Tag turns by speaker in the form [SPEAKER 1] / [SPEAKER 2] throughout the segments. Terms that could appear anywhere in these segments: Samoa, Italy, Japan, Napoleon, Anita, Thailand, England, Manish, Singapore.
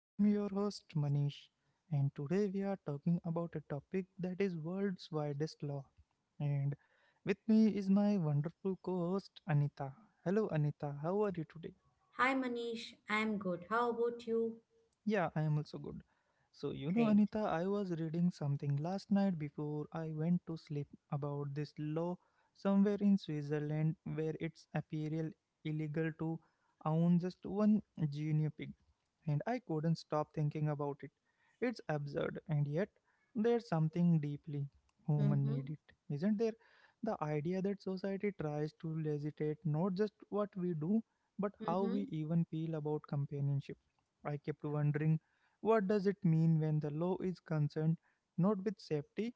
[SPEAKER 1] I am your host, Manish, and today we are talking about a topic that is world's widest law. And with me is my wonderful co host, Anita. Hello, Anita, how are you today?
[SPEAKER 2] Hi Manish, I'm good. How about you?
[SPEAKER 1] Yeah, I am also good. So, you know,
[SPEAKER 2] Great.
[SPEAKER 1] Anita, I was reading something last night before I went to sleep about this law somewhere in Switzerland where it's apparel illegal to own just one guinea pig. And I couldn't stop thinking about it. It's absurd, and yet there's something deeply human need
[SPEAKER 2] Mm-hmm.
[SPEAKER 1] it, isn't there? The idea that society tries to legislate not just what we do, but how we
[SPEAKER 2] Mm-hmm.
[SPEAKER 1] even feel about companionship. I kept wondering, what does it mean when the law is concerned not with safety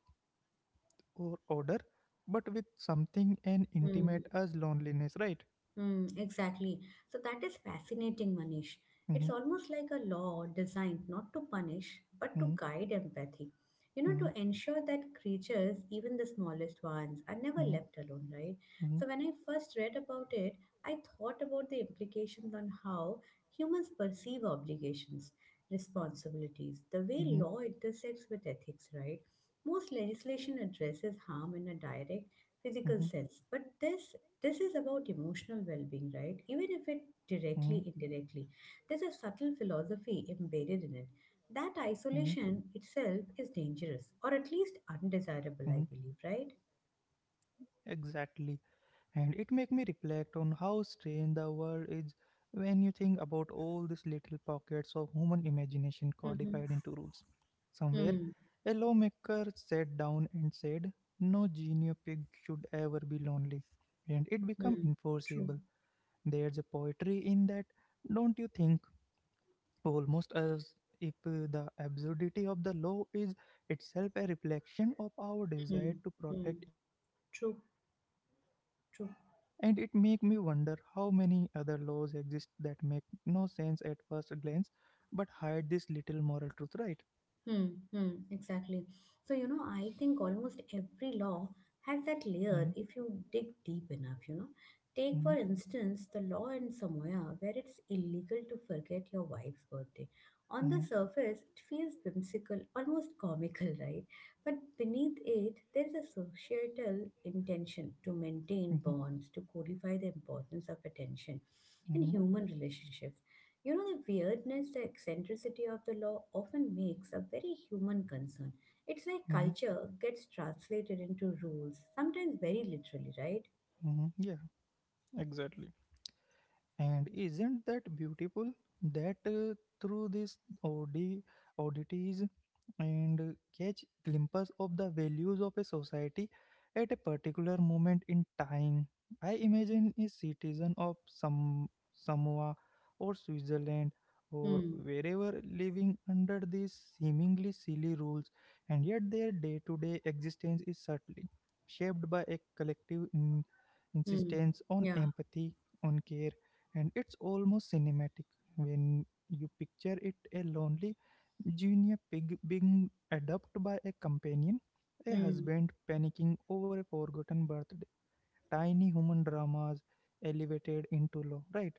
[SPEAKER 1] or order, but with something as
[SPEAKER 2] Mm.
[SPEAKER 1] intimate as loneliness, right?
[SPEAKER 2] Mm, exactly. So that is fascinating, Manish.
[SPEAKER 1] Mm-hmm,
[SPEAKER 2] It's almost like a law designed not to punish, but
[SPEAKER 1] mm-hmm,
[SPEAKER 2] to guide empathy. You know,
[SPEAKER 1] mm-hmm,
[SPEAKER 2] to ensure that creatures, even the smallest ones, are never
[SPEAKER 1] hmm,
[SPEAKER 2] left alone, right? So when I first read about it, I thought about the implications on how humans perceive obligations, responsibilities, the way law intersects with ethics, right? Most legislation addresses harm in a direct physical
[SPEAKER 1] hmm,
[SPEAKER 2] sense, but this is about emotional well-being, right? Even if
[SPEAKER 1] hmm,
[SPEAKER 2] it directly indirectly, there's a subtle philosophy embedded in it that isolation itself is dangerous or at least
[SPEAKER 1] hmm.
[SPEAKER 2] undesirable, I believe, right?
[SPEAKER 1] Exactly. And it make me reflect on how strange the world is when you think about all these little pockets of human imagination codified
[SPEAKER 2] Mm-hmm.
[SPEAKER 1] into rules. Somewhere,
[SPEAKER 2] Mm.
[SPEAKER 1] a lawmaker sat down and said, no genio pig should ever be lonely. And it become
[SPEAKER 2] Mm. True.
[SPEAKER 1] enforceable. There's a poetry in that, don't you think? Almost as if the absurdity of the law is itself a reflection of our
[SPEAKER 2] Mm.
[SPEAKER 1] desire to
[SPEAKER 2] Hmm.
[SPEAKER 1] protect innocence,
[SPEAKER 2] True.
[SPEAKER 1] and it make
[SPEAKER 2] True.
[SPEAKER 1] me wonder how many other laws exist that make no sense at first glance but hide this little moral truth, right?
[SPEAKER 2] Hmm, hmm, exactly. So, you know, I think almost every law has that
[SPEAKER 1] Mhm,
[SPEAKER 2] layer if you dig deep enough, you know.
[SPEAKER 1] mhm,
[SPEAKER 2] Take, for instance, the law in Samoa where it's illegal to forget your wife's birthday.
[SPEAKER 1] mhm,
[SPEAKER 2] On the surface, it feels whimsical, almost comical, right? But beneath it, there's a societal intention to maintain
[SPEAKER 1] mhm,
[SPEAKER 2] bonds, to codify the importance of attention in
[SPEAKER 1] mhm,
[SPEAKER 2] human relationships. You know, the weirdness, the eccentricity of the law often makes a very human concern. It's like
[SPEAKER 1] mhm,
[SPEAKER 2] culture gets translated into rules, sometimes very literally, right?
[SPEAKER 1] mhm. Yeah, exactly. And isn't that beautiful that through this odd oddities and catch glimpses of the values of a society at a particular moment in time. I imagine a citizen of some Samoa or Switzerland or
[SPEAKER 2] Hmm.
[SPEAKER 1] wherever living under these seemingly silly rules, and yet their day to day existence is subtly shaped by a collective
[SPEAKER 2] Hmm.
[SPEAKER 1] insistence on
[SPEAKER 2] Yeah.
[SPEAKER 1] empathy, on care, and it's almost cinematic when you picture it, a lonely Junior Pig being adopted by a companion, a
[SPEAKER 2] Hmm.
[SPEAKER 1] husband panicking over a forgotten birthday, tiny human dramas elevated into law, right?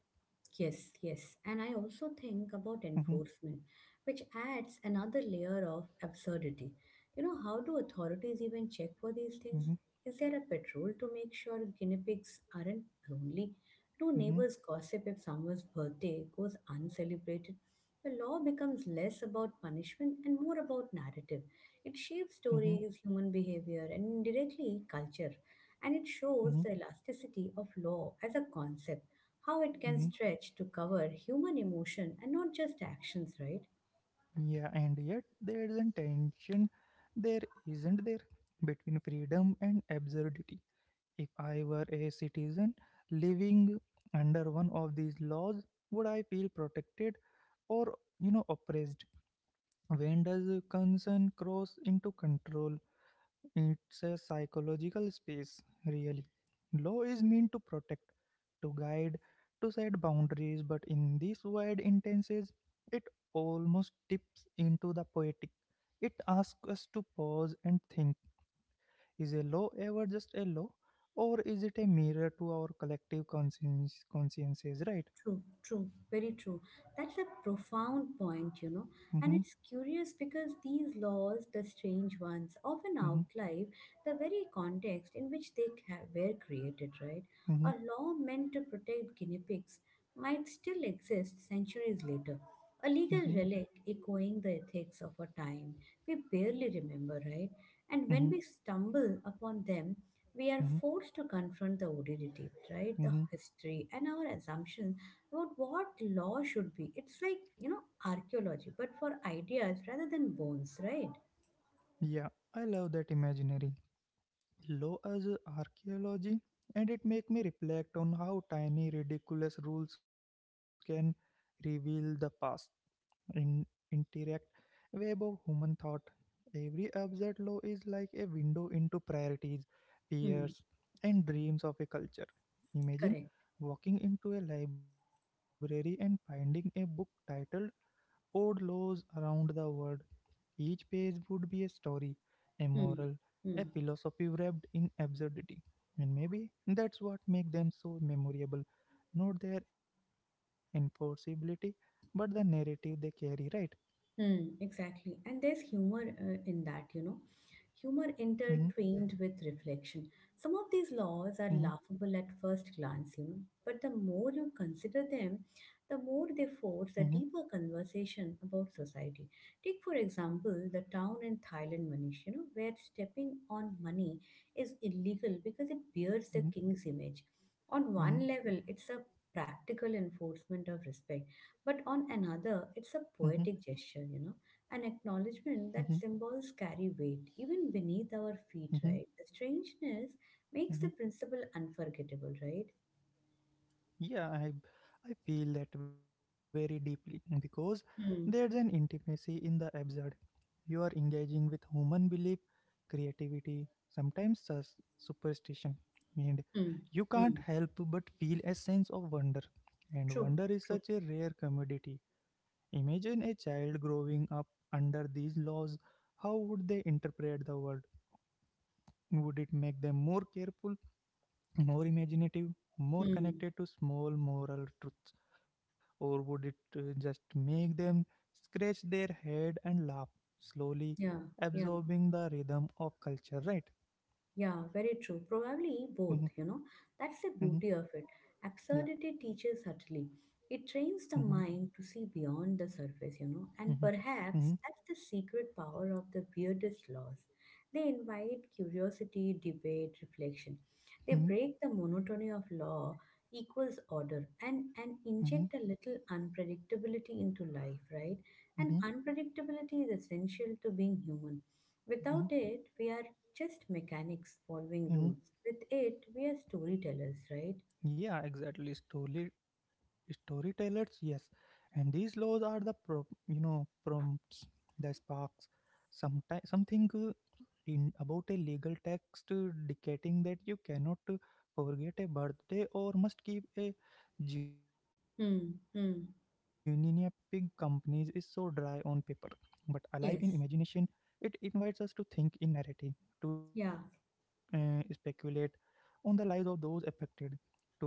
[SPEAKER 2] Yes, yes. And I also think about
[SPEAKER 1] Mm-hmm,
[SPEAKER 2] enforcement, which adds another layer of absurdity. You know, how do authorities even check for these things?
[SPEAKER 1] mm-hmm,
[SPEAKER 2] Is there a patrol to make sure guinea pigs aren't lonely? Do
[SPEAKER 1] mm-hmm,
[SPEAKER 2] neighbors gossip if someone's birthday goes uncelebrated? The law becomes less about punishment and more about narrative. It
[SPEAKER 1] mm-hmm,
[SPEAKER 2] shapes stories, human behavior, and indirectly culture. And it
[SPEAKER 1] mm-hmm,
[SPEAKER 2] shows the elasticity of law as a concept, how it
[SPEAKER 1] mm-hmm.
[SPEAKER 2] can stretch to cover human emotion and not just actions, right?
[SPEAKER 1] Yeah, and yet there is a tension there, isn't there, between freedom and absurdity. If I were a citizen living under one of these laws, would I feel protected or, you know, oppressed? When does concern cross into control? It's a psychological space, really. Law is meant to protect, to guide, to set boundaries, but in these wide instances, it almost tips into the poetic. It asks us to pause and think, is a law ever just a law, or is it a mirror to our collective conscience, consciences, right?
[SPEAKER 2] True, true, very true. That's a profound point, you know. And
[SPEAKER 1] Mm-hmm,
[SPEAKER 2] it's curious because these laws, the strange ones, often
[SPEAKER 1] mm-hmm,
[SPEAKER 2] outlive the very context in which they were created, right?
[SPEAKER 1] mm-hmm,
[SPEAKER 2] A law meant to protect guinea pigs might still exist centuries later, a legal
[SPEAKER 1] mm-hmm,
[SPEAKER 2] relic echoing the ethics of a time we barely remember, right? And
[SPEAKER 1] mm-hmm,
[SPEAKER 2] when we stumble upon them, we are
[SPEAKER 1] mm-hmm,
[SPEAKER 2] forced to confront the odidity, right? The
[SPEAKER 1] mm-hmm.
[SPEAKER 2] history and our assumptions about what law should be. It's like, you know, archaeology, but for ideas rather than bones, right?
[SPEAKER 1] Yeah, I love that imaginary. Low as archaeology, and it make me reflect on how tiny ridiculous rules can reveal the past in interact web of human thought. Every absurd law is like a window into priorities, fears,
[SPEAKER 2] Hmm.
[SPEAKER 1] and dreams of a culture. Imagine
[SPEAKER 2] Correct.
[SPEAKER 1] walking into a library and finding a book titled odd laws around the world. Each page would be a story, a
[SPEAKER 2] Hmm.
[SPEAKER 1] moral, a
[SPEAKER 2] Hmm.
[SPEAKER 1] philosophy wrapped in absurdity. And maybe that's what makes them so memorable, not their enforceability, but the narrative they carry, right?
[SPEAKER 2] Hmm, exactly. And there's humor in that, you know. Humor
[SPEAKER 1] Mhm,
[SPEAKER 2] intertwined with reflection. Some of these laws are
[SPEAKER 1] mhm,
[SPEAKER 2] laughable at first glance, you know, but the more you consider them, the more they force a
[SPEAKER 1] mhm,
[SPEAKER 2] deeper conversation about society. Take, for example, the town in Thailand, Manish, you know, where stepping on money is illegal because it bears the king's image.
[SPEAKER 1] mhm,
[SPEAKER 2] On one level, it's a
[SPEAKER 1] mhm,
[SPEAKER 2] practical enforcement of respect, but on another, it's a
[SPEAKER 1] mhm,
[SPEAKER 2] poetic gesture, you know, an acknowledgement that
[SPEAKER 1] mhm,
[SPEAKER 2] symbols carry weight even beneath our feet, right? The
[SPEAKER 1] mhm,
[SPEAKER 2] strangeness makes the
[SPEAKER 1] mhm.
[SPEAKER 2] principle unforgettable, right?
[SPEAKER 1] Yeah, I feel that very deeply because
[SPEAKER 2] Hmm.
[SPEAKER 1] there's an intimacy in the absurd. You are engaging with human belief, creativity, sometimes superstition, and
[SPEAKER 2] Hmm.
[SPEAKER 1] you can't
[SPEAKER 2] Hmm.
[SPEAKER 1] help but feel a sense of wonder. And
[SPEAKER 2] True,
[SPEAKER 1] wonder is
[SPEAKER 2] true.
[SPEAKER 1] such a rare commodity. Imagine a child growing up under these laws. How would they interpret the world? Would it make them more careful, more imaginative, more
[SPEAKER 2] Hmm.
[SPEAKER 1] connected to small moral truths? Or would it just make them scratch their head and laugh, slowly
[SPEAKER 2] Yeah, yeah.
[SPEAKER 1] absorbing the rhythm of culture, right?
[SPEAKER 2] Yeah, very true. Probably both, you know.
[SPEAKER 1] Mm-hmm,
[SPEAKER 2] That's the beauty of
[SPEAKER 1] mm-hmm,
[SPEAKER 2] it. Absurdity
[SPEAKER 1] yeah.
[SPEAKER 2] teaches subtly. It trains the
[SPEAKER 1] Mm-hmm,
[SPEAKER 2] mind to see beyond the surface, you know,
[SPEAKER 1] mm-hmm,
[SPEAKER 2] and
[SPEAKER 1] mm-hmm,
[SPEAKER 2] perhaps that's the secret power of the weirdest laws. They invite curiosity, debate, reflection. They
[SPEAKER 1] mm-hmm,
[SPEAKER 2] break the monotony of law equals order, and
[SPEAKER 1] mm-hmm,
[SPEAKER 2] inject a little unpredictability into life, right?
[SPEAKER 1] mm-hmm,
[SPEAKER 2] And unpredictability is essential to being human.
[SPEAKER 1] mm-hmm,
[SPEAKER 2] Without it, we are just mechanics following
[SPEAKER 1] mm-hmm.
[SPEAKER 2] rules. With it, we are storytellers, right?
[SPEAKER 1] Yeah, exactly. Story storytellers, yes. And these laws are the pro, you know, prompts, the sparks. Sometimes something in about a legal text dictating that you cannot forget a birthday or must keep a Juninia Pig
[SPEAKER 2] Hmm.
[SPEAKER 1] companies is
[SPEAKER 2] Hmm.
[SPEAKER 1] so dry on paper, but alive in imagination. It
[SPEAKER 2] Yes.
[SPEAKER 1] invites us to think in narrative, to
[SPEAKER 2] Yeah.
[SPEAKER 1] speculate on the lives of those affected,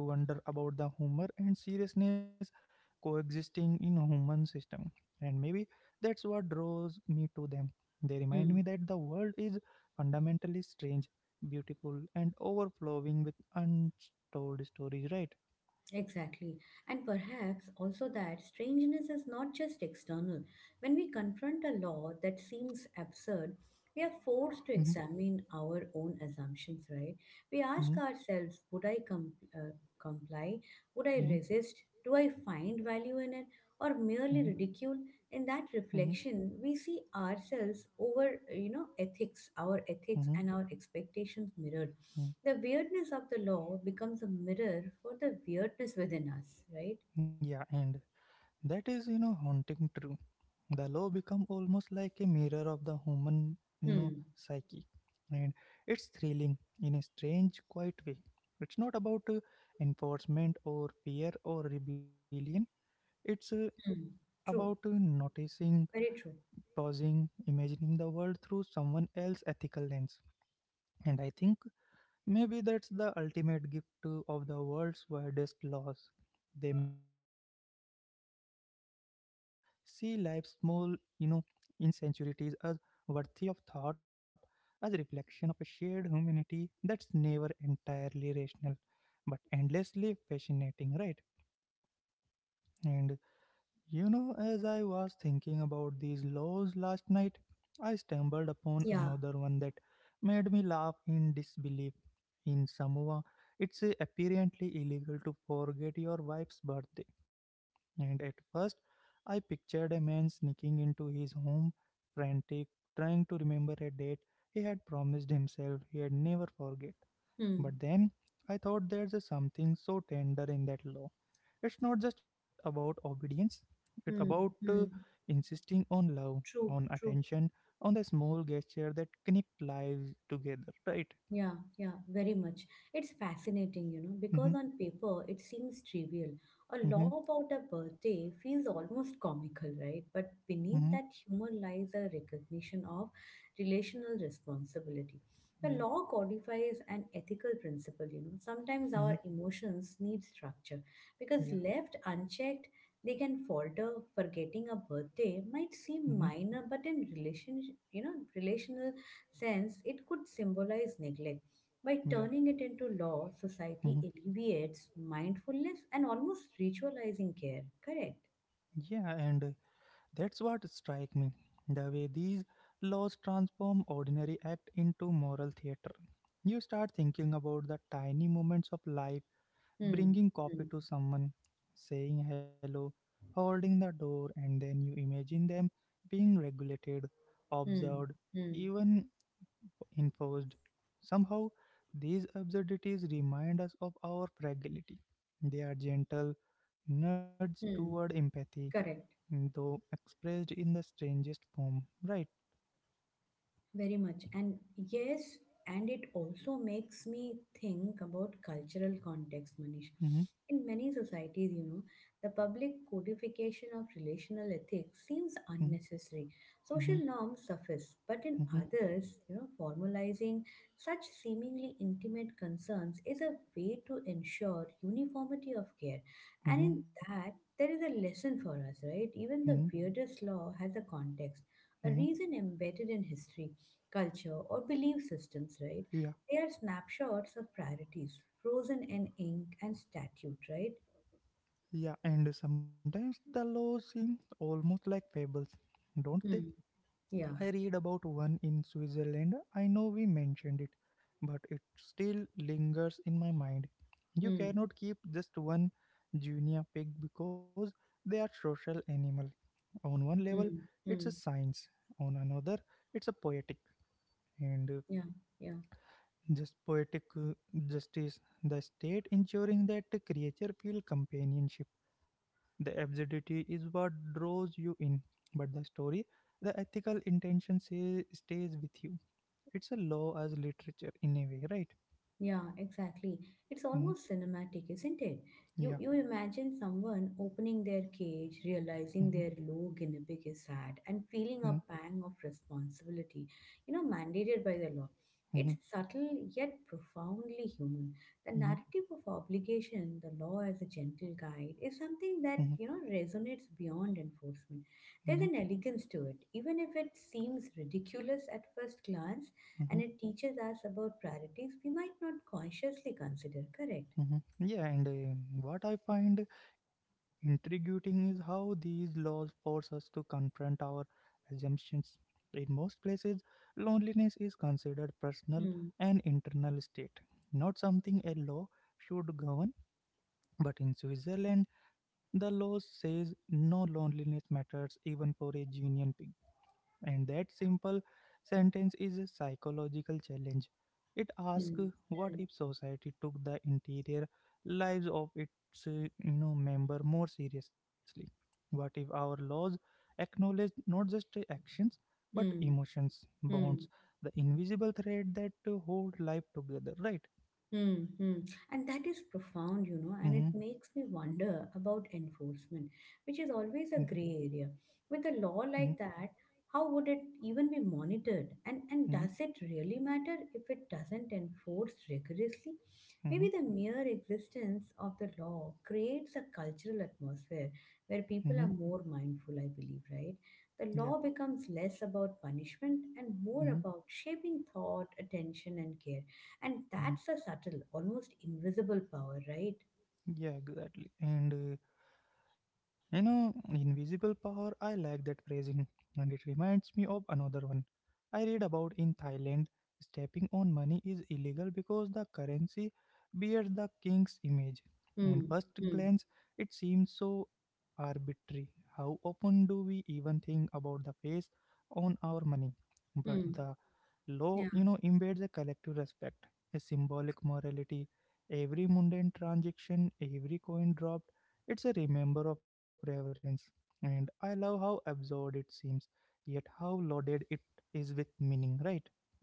[SPEAKER 1] to wonder about the humor and seriousness coexisting in human system. And maybe that's what draws me to them. They remind me
[SPEAKER 2] Hmm.
[SPEAKER 1] that the world is fundamentally strange, beautiful, and overflowing with untold stories, right?
[SPEAKER 2] Exactly. And perhaps also that strangeness is not just external. When we confront a law that seems absurd, we are
[SPEAKER 1] Mhm,
[SPEAKER 2] forced to examine our own assumptions, right? We
[SPEAKER 1] mhm,
[SPEAKER 2] ask ourselves, would I comply? Would I
[SPEAKER 1] mhm,
[SPEAKER 2] resist? Do I find value in it? Or merely
[SPEAKER 1] mhm,
[SPEAKER 2] ridicule? In that
[SPEAKER 1] mhm,
[SPEAKER 2] reflection, we see ourselves over, you know, ethics, our ethics
[SPEAKER 1] mhm,
[SPEAKER 2] and our expectations mirrored.
[SPEAKER 1] mhm.
[SPEAKER 2] The weirdness of the law becomes a mirror for the weirdness within us, right?
[SPEAKER 1] Yeah, and that is, you know, haunting true. The law become almost like a mirror of the human, you know,
[SPEAKER 2] Hmm.
[SPEAKER 1] psyche. And it's thrilling in a strange, quiet way. It's not about enforcement or fear or rebellion. It's
[SPEAKER 2] Hmm.
[SPEAKER 1] about
[SPEAKER 2] True.
[SPEAKER 1] noticing,
[SPEAKER 2] Very true.
[SPEAKER 1] pausing, imagining the world through someone else's ethical lens. And I think maybe that's the ultimate gift to- of the world's widest laws. They make us slow down and see life's small, you know, insincerities as worthy of thought, as a reflection of a shared humanity that's never entirely rational, but endlessly fascinating, right? And you know, as I was thinking about these laws last night, I stumbled upon
[SPEAKER 2] Yeah.
[SPEAKER 1] another one that made me laugh in disbelief. In Samoa, it's apparently illegal to forget your wife's birthday. And at first, I pictured a man sneaking into his home, frantic, trying to remember a date he had promised himself he'd never forget.
[SPEAKER 2] Hmm.
[SPEAKER 1] But then I thought there's something so tender in that law. It's not just about obedience, it's about
[SPEAKER 2] Hmm. Hmm.
[SPEAKER 1] insisting on love, on
[SPEAKER 2] True. True.
[SPEAKER 1] attention, on the small gesture that connect lives together, right?
[SPEAKER 2] Yeah, yeah, very much. It's fascinating, you know,
[SPEAKER 1] Mm-hmm,
[SPEAKER 2] because on paper it seems trivial. A
[SPEAKER 1] mm-hmm,
[SPEAKER 2] law about a birthday feels almost comical, right? But
[SPEAKER 1] mm-hmm,
[SPEAKER 2] beneath that humor lies a recognition of relational responsibility. The
[SPEAKER 1] yeah,
[SPEAKER 2] law codifies an ethical principle, you know. Sometimes
[SPEAKER 1] mm-hmm,
[SPEAKER 2] our emotions need structure because
[SPEAKER 1] yeah,
[SPEAKER 2] left unchecked, they can falter. Forgetting a birthday might
[SPEAKER 1] mm-hmm,
[SPEAKER 2] seem minor, but in relation, you know, relational sense, it could symbolize neglect. By
[SPEAKER 1] yeah,
[SPEAKER 2] turning it into law, society
[SPEAKER 1] mm-hmm.
[SPEAKER 2] alleviates mindfulness and almost ritualizing care. Correct.
[SPEAKER 1] Yeah, and that's what strike me. The way these laws transform ordinary act into moral theater. You start thinking about the tiny moments of life,
[SPEAKER 2] Hmm.
[SPEAKER 1] bringing coffee
[SPEAKER 2] Hmm.
[SPEAKER 1] to someone, saying hello, holding the door, and then you imagine them being regulated,
[SPEAKER 2] Hmm.
[SPEAKER 1] observed,
[SPEAKER 2] Hmm.
[SPEAKER 1] even enforced. Somehow, these absurdities remind us of our fragility. They are gentle nudges toward
[SPEAKER 2] Hmm.
[SPEAKER 1] empathy,
[SPEAKER 2] Correct.
[SPEAKER 1] though expressed in the strangest form. Right?
[SPEAKER 2] Very much. And yes, and it also makes me think about cultural context, Manish.
[SPEAKER 1] Mm-hmm,
[SPEAKER 2] In many societies, you know, the public codification of relational ethics seems unnecessary.
[SPEAKER 1] mm-hmm,
[SPEAKER 2] Social norms suffice, but in
[SPEAKER 1] mm-hmm, mm-hmm,
[SPEAKER 2] others, you know, formalizing such seemingly intimate concerns is a way to ensure uniformity of care. And
[SPEAKER 1] mm-hmm,
[SPEAKER 2] in that, there is a lesson for us, right?
[SPEAKER 1] mm-hmm.
[SPEAKER 2] Even the weirdest law has a context, a
[SPEAKER 1] Mm-hmm.
[SPEAKER 2] reason embedded in history, culture, or belief systems, right?
[SPEAKER 1] Yeah.
[SPEAKER 2] They are snapshots of priorities, frozen in ink and statute, right?
[SPEAKER 1] Yeah, and sometimes the laws seem almost like fables, don't they?
[SPEAKER 2] Hmm. Yeah.
[SPEAKER 1] I read about one in Switzerland. I know we mentioned it, but it still lingers in my mind. You
[SPEAKER 2] Hmm.
[SPEAKER 1] cannot keep just one junior pig because they are social animal. On one level,
[SPEAKER 2] Hmm.
[SPEAKER 1] it's a
[SPEAKER 2] Hmm.
[SPEAKER 1] science. On another, it's a poetic and
[SPEAKER 2] Yeah, yeah.
[SPEAKER 1] just poetic justice. The state ensuring that the creature feel companionship. The absurdity is what draws you in, but the story, the ethical intention say, stays with you. It's a law as literature in a way, right?
[SPEAKER 2] Yeah, exactly. It's
[SPEAKER 1] Mhm.
[SPEAKER 2] almost cinematic, isn't it? You
[SPEAKER 1] Yeah.
[SPEAKER 2] you imagine someone opening their cage,
[SPEAKER 1] Mhm.
[SPEAKER 2] realizing their low guinea pig is sad, and feeling a
[SPEAKER 1] Mhm.
[SPEAKER 2] pang of responsibility, you know, mandated by the law. It's
[SPEAKER 1] Mhm.
[SPEAKER 2] subtle yet profoundly human. The
[SPEAKER 1] Mhm.
[SPEAKER 2] narrative of obligation, the law as a gentle guide, is something
[SPEAKER 1] Mhm.
[SPEAKER 2] that, you know, resonates beyond enforcement.
[SPEAKER 1] Mhm.
[SPEAKER 2] There's an elegance to it, even if it seems ridiculous at first glance, and
[SPEAKER 1] Mhm.
[SPEAKER 2] it teaches us about priorities we might not consciously consider, correct?
[SPEAKER 1] Mhm. Yeah, and what I find intriguing is how these laws force us to confront our assumptions. In most places, loneliness is considered personal
[SPEAKER 2] Hmm.
[SPEAKER 1] and internal state, not something a law should govern. But in Switzerland, the law says no, loneliness matters even for a Guinean pig. And that simple sentence is a psychological challenge. It
[SPEAKER 2] Hmm.
[SPEAKER 1] asks, what
[SPEAKER 2] Hmm.
[SPEAKER 1] if society took the interior lives of its you know, member more seriously? What if our laws acknowledge not just actions but
[SPEAKER 2] Hmm.
[SPEAKER 1] emotions, bonds,
[SPEAKER 2] Hmm.
[SPEAKER 1] the invisible thread that hold life together, right?
[SPEAKER 2] Mm-hmm. And that is profound, you know, and it
[SPEAKER 1] Mm-hmm,
[SPEAKER 2] makes me wonder about enforcement, which is
[SPEAKER 1] mm-hmm,
[SPEAKER 2] always a gray area. With a law like that, how would it even be monitored? And
[SPEAKER 1] mm-hmm,
[SPEAKER 2] does it really matter if it doesn't enforce rigorously?
[SPEAKER 1] mm-hmm,
[SPEAKER 2] Maybe the mere existence of the law creates a cultural atmosphere where
[SPEAKER 1] mm-hmm.
[SPEAKER 2] people are more mindful, I believe, right? The
[SPEAKER 1] Yeah.
[SPEAKER 2] law becomes less about punishment and more
[SPEAKER 1] Mhm,
[SPEAKER 2] about shaping thought, attention, and care, and
[SPEAKER 1] mhm.
[SPEAKER 2] that's a subtle, almost invisible power, right?
[SPEAKER 1] Yeah, exactly. And you know, invisible power, I like that phrasing, and it reminds me of another one I read about in Thailand. Stepping on money is illegal because the currency bears the king's image. On
[SPEAKER 2] Hmm.
[SPEAKER 1] first
[SPEAKER 2] Hmm.
[SPEAKER 1] glance, it seems so arbitrary. How often do we even think about the face on our money? But
[SPEAKER 2] Mm.
[SPEAKER 1] the law, you know, embeds a collective respect, a symbolic morality. Every mundane transaction, every coin dropped, it's a remember of reverence. And I love how absurd it seems, yet how loaded it is with meaning, right?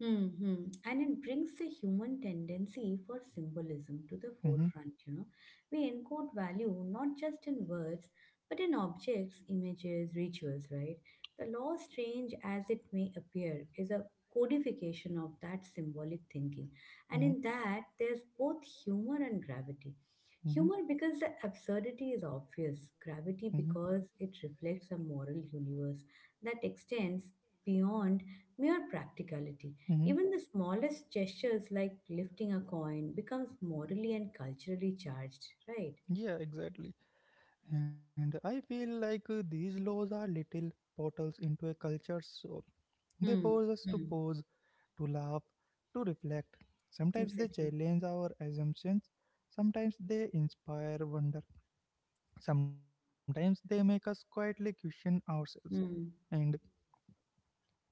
[SPEAKER 2] Hmm. And it brings the human tendency for symbolism to the
[SPEAKER 1] Mm-hmm,
[SPEAKER 2] forefront, you know. We encode value not just in words, but in objects, images, rituals, right? The law, strange as it may appear, is a codification of that symbolic thinking. And
[SPEAKER 1] mm-hmm,
[SPEAKER 2] in that, there's both humor and gravity.
[SPEAKER 1] mm-hmm,
[SPEAKER 2] Humor because the absurdity is obvious,
[SPEAKER 1] mm-hmm,
[SPEAKER 2] gravity because it reflects a moral universe that extends beyond mere practicality.
[SPEAKER 1] mm-hmm.
[SPEAKER 2] Even the smallest gestures like lifting a coin becomes morally and culturally charged, right?
[SPEAKER 1] Yeah, exactly. And I feel like these laws are little portals into a culture, so they
[SPEAKER 2] Hmm.
[SPEAKER 1] force us to
[SPEAKER 2] Hmm.
[SPEAKER 1] pause, to laugh, to reflect. Sometimes they
[SPEAKER 2] Exactly.
[SPEAKER 1] challenge our assumptions, sometimes they inspire wonder, sometimes they make us quietly question ourselves.
[SPEAKER 2] Hmm.
[SPEAKER 1] And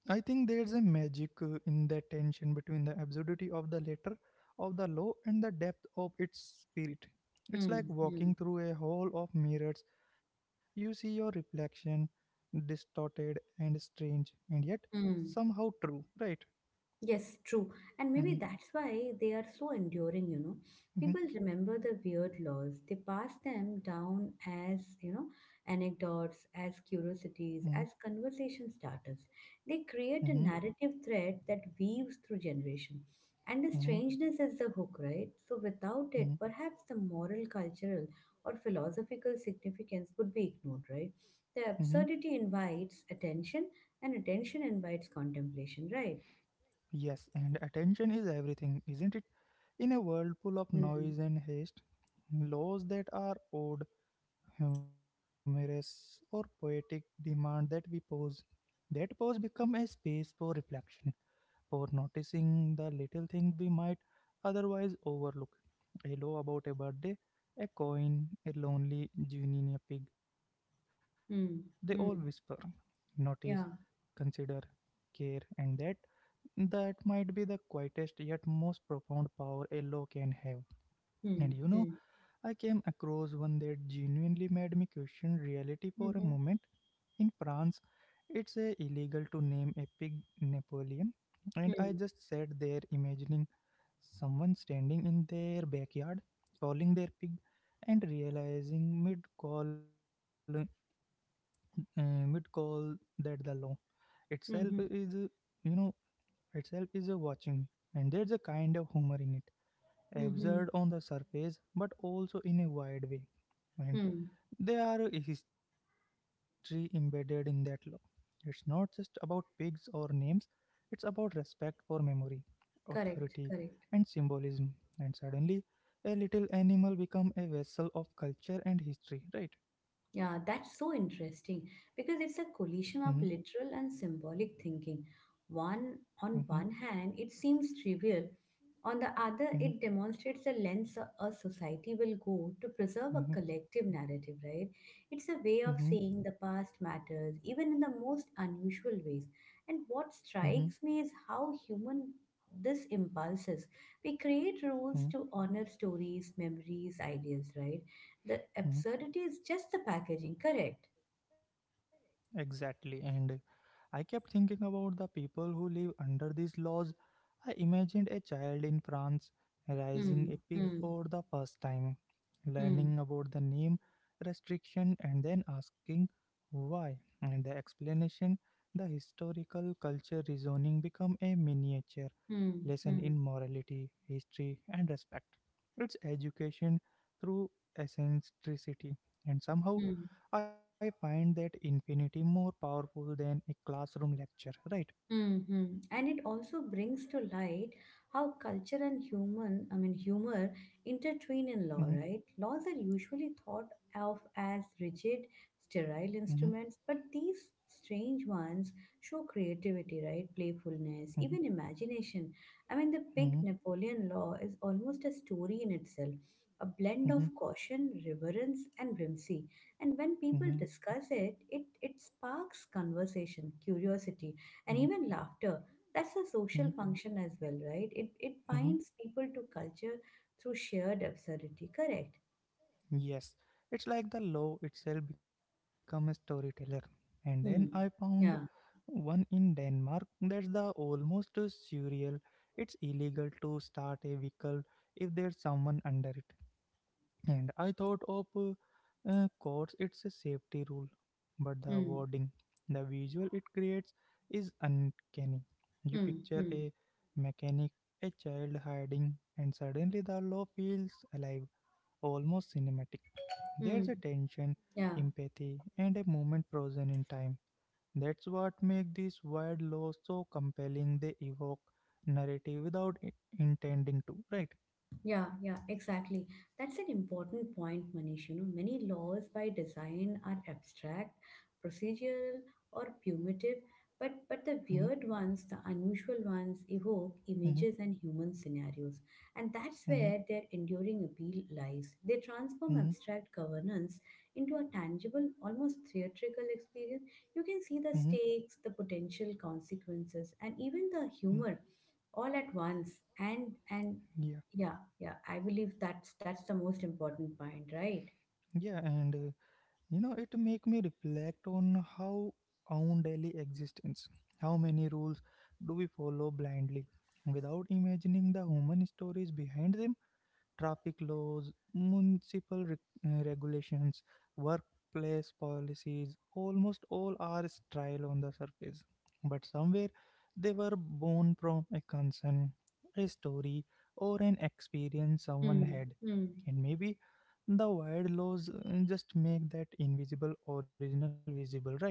[SPEAKER 1] I think there's a magic in the tension between the absurdity of the letter of the law and the depth of its spirit. It's
[SPEAKER 2] Hmm.
[SPEAKER 1] like
[SPEAKER 2] Hmm.
[SPEAKER 1] walking through a hall of mirrors. You see your reflection distorted and strange, and yet
[SPEAKER 2] Hmm.
[SPEAKER 1] somehow true, right?
[SPEAKER 2] Yes, true. And maybe
[SPEAKER 1] Mm-hmm,
[SPEAKER 2] that's why they are so enduring, you know. People remember the weird laws. They pass them down as, you know, anecdotes, as
[SPEAKER 1] mm-hmm,
[SPEAKER 2] curiosities, as conversation starters. They
[SPEAKER 1] mm-hmm,
[SPEAKER 2] create a narrative thread that weaves through generation.
[SPEAKER 1] mm-hmm,
[SPEAKER 2] And the strangeness is the hook, right? So
[SPEAKER 1] mm-hmm,
[SPEAKER 2] without it, perhaps the moral, cultural, or philosophical significance would be ignored, right?
[SPEAKER 1] hmm.
[SPEAKER 2] The absurdity invites attention, and attention invites contemplation, right?
[SPEAKER 1] Yes, and attention is everything, isn't it? In a world full of
[SPEAKER 2] Mm.
[SPEAKER 1] noise and haste, laws that are odd, humorous, or poetic demand that we pause. That pause become a space for reflection, or noticing the little things we might otherwise overlook. A law about a birthday, a coin, a lonely genie, in a pig, they all whisper,
[SPEAKER 2] Mm, mm,
[SPEAKER 1] notice,
[SPEAKER 2] yeah.
[SPEAKER 1] consider, care, and that might be the quietest yet most profound power a law can have. And
[SPEAKER 2] Mm,
[SPEAKER 1] you know, I came across one that genuinely made me question reality for a
[SPEAKER 2] mhm,
[SPEAKER 1] moment. In France, it's illegal to name a pig Napoleon, and I
[SPEAKER 2] mm,
[SPEAKER 1] just sat there imagining someone standing in their backyard calling their pig and realizing mid call mid call that the law itself is
[SPEAKER 2] mhm,
[SPEAKER 1] you know watching, and there's a kind of humor in it,
[SPEAKER 2] mhm,
[SPEAKER 1] absurd on the surface but also in a wide way. And
[SPEAKER 2] mm.
[SPEAKER 1] there are a history embedded in that law. It's not just about pigs or names, it's about respect for memory, authority,
[SPEAKER 2] Correct,
[SPEAKER 1] and
[SPEAKER 2] correct.
[SPEAKER 1] symbolism. And suddenly, a little animal become a vessel of culture and history, right?
[SPEAKER 2] Yeah, that's so interesting because it's a
[SPEAKER 1] hmm
[SPEAKER 2] collision of literal and symbolic thinking. One on
[SPEAKER 1] hmm
[SPEAKER 2] one hand, it seems trivial. On the other,
[SPEAKER 1] hmm
[SPEAKER 2] it demonstrates the lengths a society will go to preserve a
[SPEAKER 1] hmm
[SPEAKER 2] collective narrative, right? It's a way of
[SPEAKER 1] hmm
[SPEAKER 2] saying the past matters, even in the most unusual ways. And what
[SPEAKER 1] hmm
[SPEAKER 2] strikes me is how human this impulses. We create rules
[SPEAKER 1] hmm
[SPEAKER 2] to honor stories, memories, ideas, right? The absurdity
[SPEAKER 1] hmm
[SPEAKER 2] is just the packaging, correct?
[SPEAKER 1] Exactly. And I kept thinking about the people who live under these laws. I imagined a child in France raising a
[SPEAKER 2] Hmm.
[SPEAKER 1] pig
[SPEAKER 2] Hmm.
[SPEAKER 1] for the first time,
[SPEAKER 2] Hmm.
[SPEAKER 1] learning about the name restriction and then asking why. And the explanation, the historical culture reasoning become a miniature
[SPEAKER 2] Hmm.
[SPEAKER 1] lesson
[SPEAKER 2] Hmm.
[SPEAKER 1] in morality, history, and respect. It's education through eccentricity, and somehow
[SPEAKER 2] Mm.
[SPEAKER 1] I find that infinity more powerful than a classroom lecture, right?
[SPEAKER 2] Hmm. And it also brings to light how culture and humor intertwine in law,
[SPEAKER 1] hmm
[SPEAKER 2] right? Laws are usually thought of as rigid, sterile
[SPEAKER 1] hmm
[SPEAKER 2] instruments, but these strange ones show creativity, right? Playfulness, even imagination. I mean, the big
[SPEAKER 1] hmm
[SPEAKER 2] Napoleon law is almost a story in itself, a blend of
[SPEAKER 1] hmm
[SPEAKER 2] caution, reverence, and whimsy. And when people
[SPEAKER 1] hmm
[SPEAKER 2] discuss it, it sparks conversation, curiosity,
[SPEAKER 1] hmm
[SPEAKER 2] and even laughter. That's a
[SPEAKER 1] hmm
[SPEAKER 2] social function as well, right? It
[SPEAKER 1] hmm
[SPEAKER 2] binds people to culture through shared absurdity, correct?
[SPEAKER 1] Yes, it's like the law itself become a storyteller. And then I
[SPEAKER 2] Hmm.
[SPEAKER 1] found
[SPEAKER 2] Yeah.
[SPEAKER 1] one in Denmark that's the almost surreal. It's illegal to start a vehicle if there's someone under it. And I thought of courts, it's a safety rule, but the wording,
[SPEAKER 2] Hmm.
[SPEAKER 1] the visual it creates is uncanny. You
[SPEAKER 2] Hmm.
[SPEAKER 1] picture
[SPEAKER 2] Hmm.
[SPEAKER 1] a mechanic, a child hiding, and suddenly the law feels alive, almost cinematic. There's
[SPEAKER 2] Hmm.
[SPEAKER 1] a tension,
[SPEAKER 2] Yeah.
[SPEAKER 1] empathy, and a moment frozen in time. That's what makes these wild laws so compelling. They evoke narrative without intending to, right?
[SPEAKER 2] Yeah, yeah, exactly. That's an important point, Manish. You know, many laws by design are abstract, procedural, or punitive, but the
[SPEAKER 1] hmm
[SPEAKER 2] weird ones, the unusual ones, evoke
[SPEAKER 1] hmm
[SPEAKER 2] images and human scenarios, and that's
[SPEAKER 1] hmm
[SPEAKER 2] where their enduring appeal lies. They transform
[SPEAKER 1] hmm
[SPEAKER 2] abstract governance into a tangible, almost theatrical experience. You can see the
[SPEAKER 1] hmm
[SPEAKER 2] stakes, the potential consequences, and even the
[SPEAKER 1] Hmm.
[SPEAKER 2] humor all at once. And
[SPEAKER 1] Yeah,
[SPEAKER 2] yeah yeah, I believe that's the most important point, right?
[SPEAKER 1] yeah, and it make me reflect on how own daily existence. How many rules do we follow blindly without imagining the human stories behind them? Traffic laws, municipal regulations, workplace policies, almost all are sterile on the surface. But somewhere they were born from a concern, a story, or an experience someone
[SPEAKER 2] Mm,
[SPEAKER 1] had.
[SPEAKER 2] mm.
[SPEAKER 1] And maybe the wild laws just make that invisible original visible, right?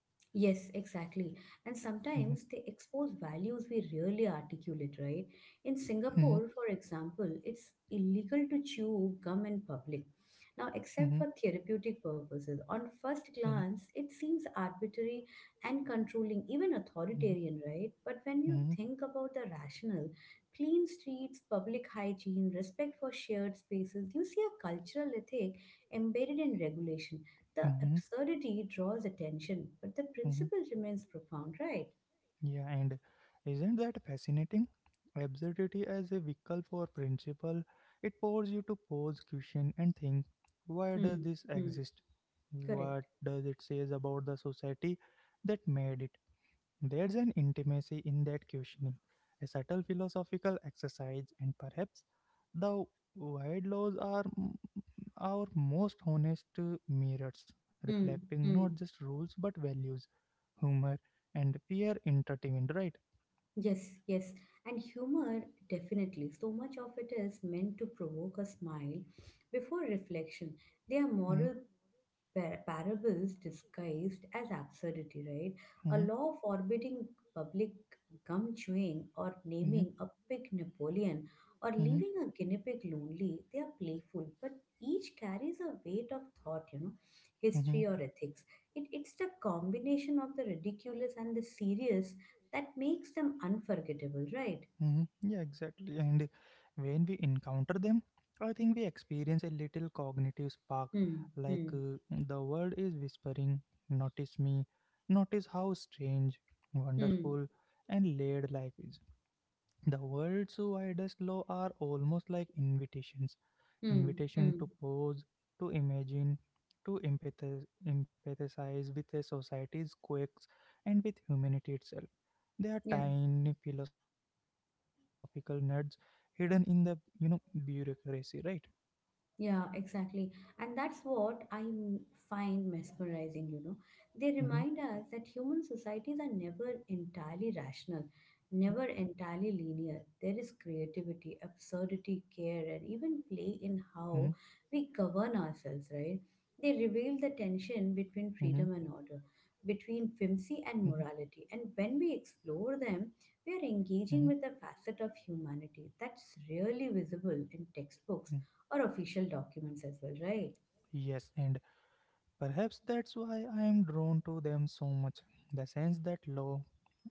[SPEAKER 2] Yes, exactly. And sometimes
[SPEAKER 1] Mhm,
[SPEAKER 2] they expose values we rarely articulate, right? In
[SPEAKER 1] mhm,
[SPEAKER 2] Singapore, for example, it's illegal to chew gum in public. Now, except
[SPEAKER 1] mhm,
[SPEAKER 2] for therapeutic purposes, on first
[SPEAKER 1] mhm,
[SPEAKER 2] glance, it seems arbitrary and controlling, even
[SPEAKER 1] mhm,
[SPEAKER 2] authoritarian, right? But when you
[SPEAKER 1] mhm,
[SPEAKER 2] think about the rationale, clean streets, public hygiene, respect for shared spaces, you see a cultural ethic embedded in regulation. The
[SPEAKER 1] mhm,
[SPEAKER 2] absurdity draws attention, but the
[SPEAKER 1] mhm,
[SPEAKER 2] principle remains profound, right?
[SPEAKER 1] Yeah, and isn't that fascinating? Absurdity as a vehicle for principle, it forces you to pose question and think, why does
[SPEAKER 2] Hmm.
[SPEAKER 1] this
[SPEAKER 2] Hmm.
[SPEAKER 1] exist?
[SPEAKER 2] Correct.
[SPEAKER 1] What does it says about the society that made it? There's an intimacy in that questioning, a subtle philosophical exercise, and perhaps the wide laws are our most honest mirrors,
[SPEAKER 2] Hmm.
[SPEAKER 1] reflecting
[SPEAKER 2] Hmm.
[SPEAKER 1] not just rules but values, humor, and fear intertwined, right?
[SPEAKER 2] Yes, yes. And humor, definitely. So much of it is meant to provoke a smile before reflection. They are
[SPEAKER 1] Mhm,
[SPEAKER 2] moral parables disguised as absurdity, right? A
[SPEAKER 1] mhm,
[SPEAKER 2] law forbidding public gum chewing or
[SPEAKER 1] mhm,
[SPEAKER 2] naming a pig Napoleon or
[SPEAKER 1] mhm,
[SPEAKER 2] leaving a guinea pig lonely, they are playful, but each carries a weight of thought,
[SPEAKER 1] mhm,
[SPEAKER 2] history or ethics. It's the combination of the ridiculous and the serious that makes them unforgettable, right?
[SPEAKER 1] mhm. Yeah, exactly. And when we encounter them, I think we experience a little cognitive spark,
[SPEAKER 2] Hmm,
[SPEAKER 1] like
[SPEAKER 2] hmm,
[SPEAKER 1] the world is whispering, notice me, notice how strange,
[SPEAKER 2] hmm,
[SPEAKER 1] wonderful, and layered life is. The world's widest law are almost like invitations,
[SPEAKER 2] hmm,
[SPEAKER 1] invitation
[SPEAKER 2] hmm.
[SPEAKER 1] to pause, to imagine, to empathize, empathize with a society's quakes and with humanity itself. They are
[SPEAKER 2] Yeah.
[SPEAKER 1] tiny philosophical nuts hidden in the you know bureaucracy, right?
[SPEAKER 2] Yeah, exactly. And that's what I find mesmerizing.
[SPEAKER 1] Mm-hmm,
[SPEAKER 2] They remind us that human societies are never entirely rational, never
[SPEAKER 1] mm-hmm,
[SPEAKER 2] entirely linear.
[SPEAKER 1] yeah.
[SPEAKER 2] There is creativity, absurdity, care, and even
[SPEAKER 1] Mm-hmm,
[SPEAKER 2] play in how we govern ourselves, right? They reveal the tension
[SPEAKER 1] mm-hmm,
[SPEAKER 2] between freedom and order, between whimsy
[SPEAKER 1] mm-hmm,
[SPEAKER 2] and morality. And when we explore them, we are engaging
[SPEAKER 1] mm-hmm.
[SPEAKER 2] with a facet of humanity that's really visible in textbooks
[SPEAKER 1] mm.
[SPEAKER 2] or official documents as well, right?
[SPEAKER 1] Yes, and perhaps that's why I am drawn to them so much. The sense that law,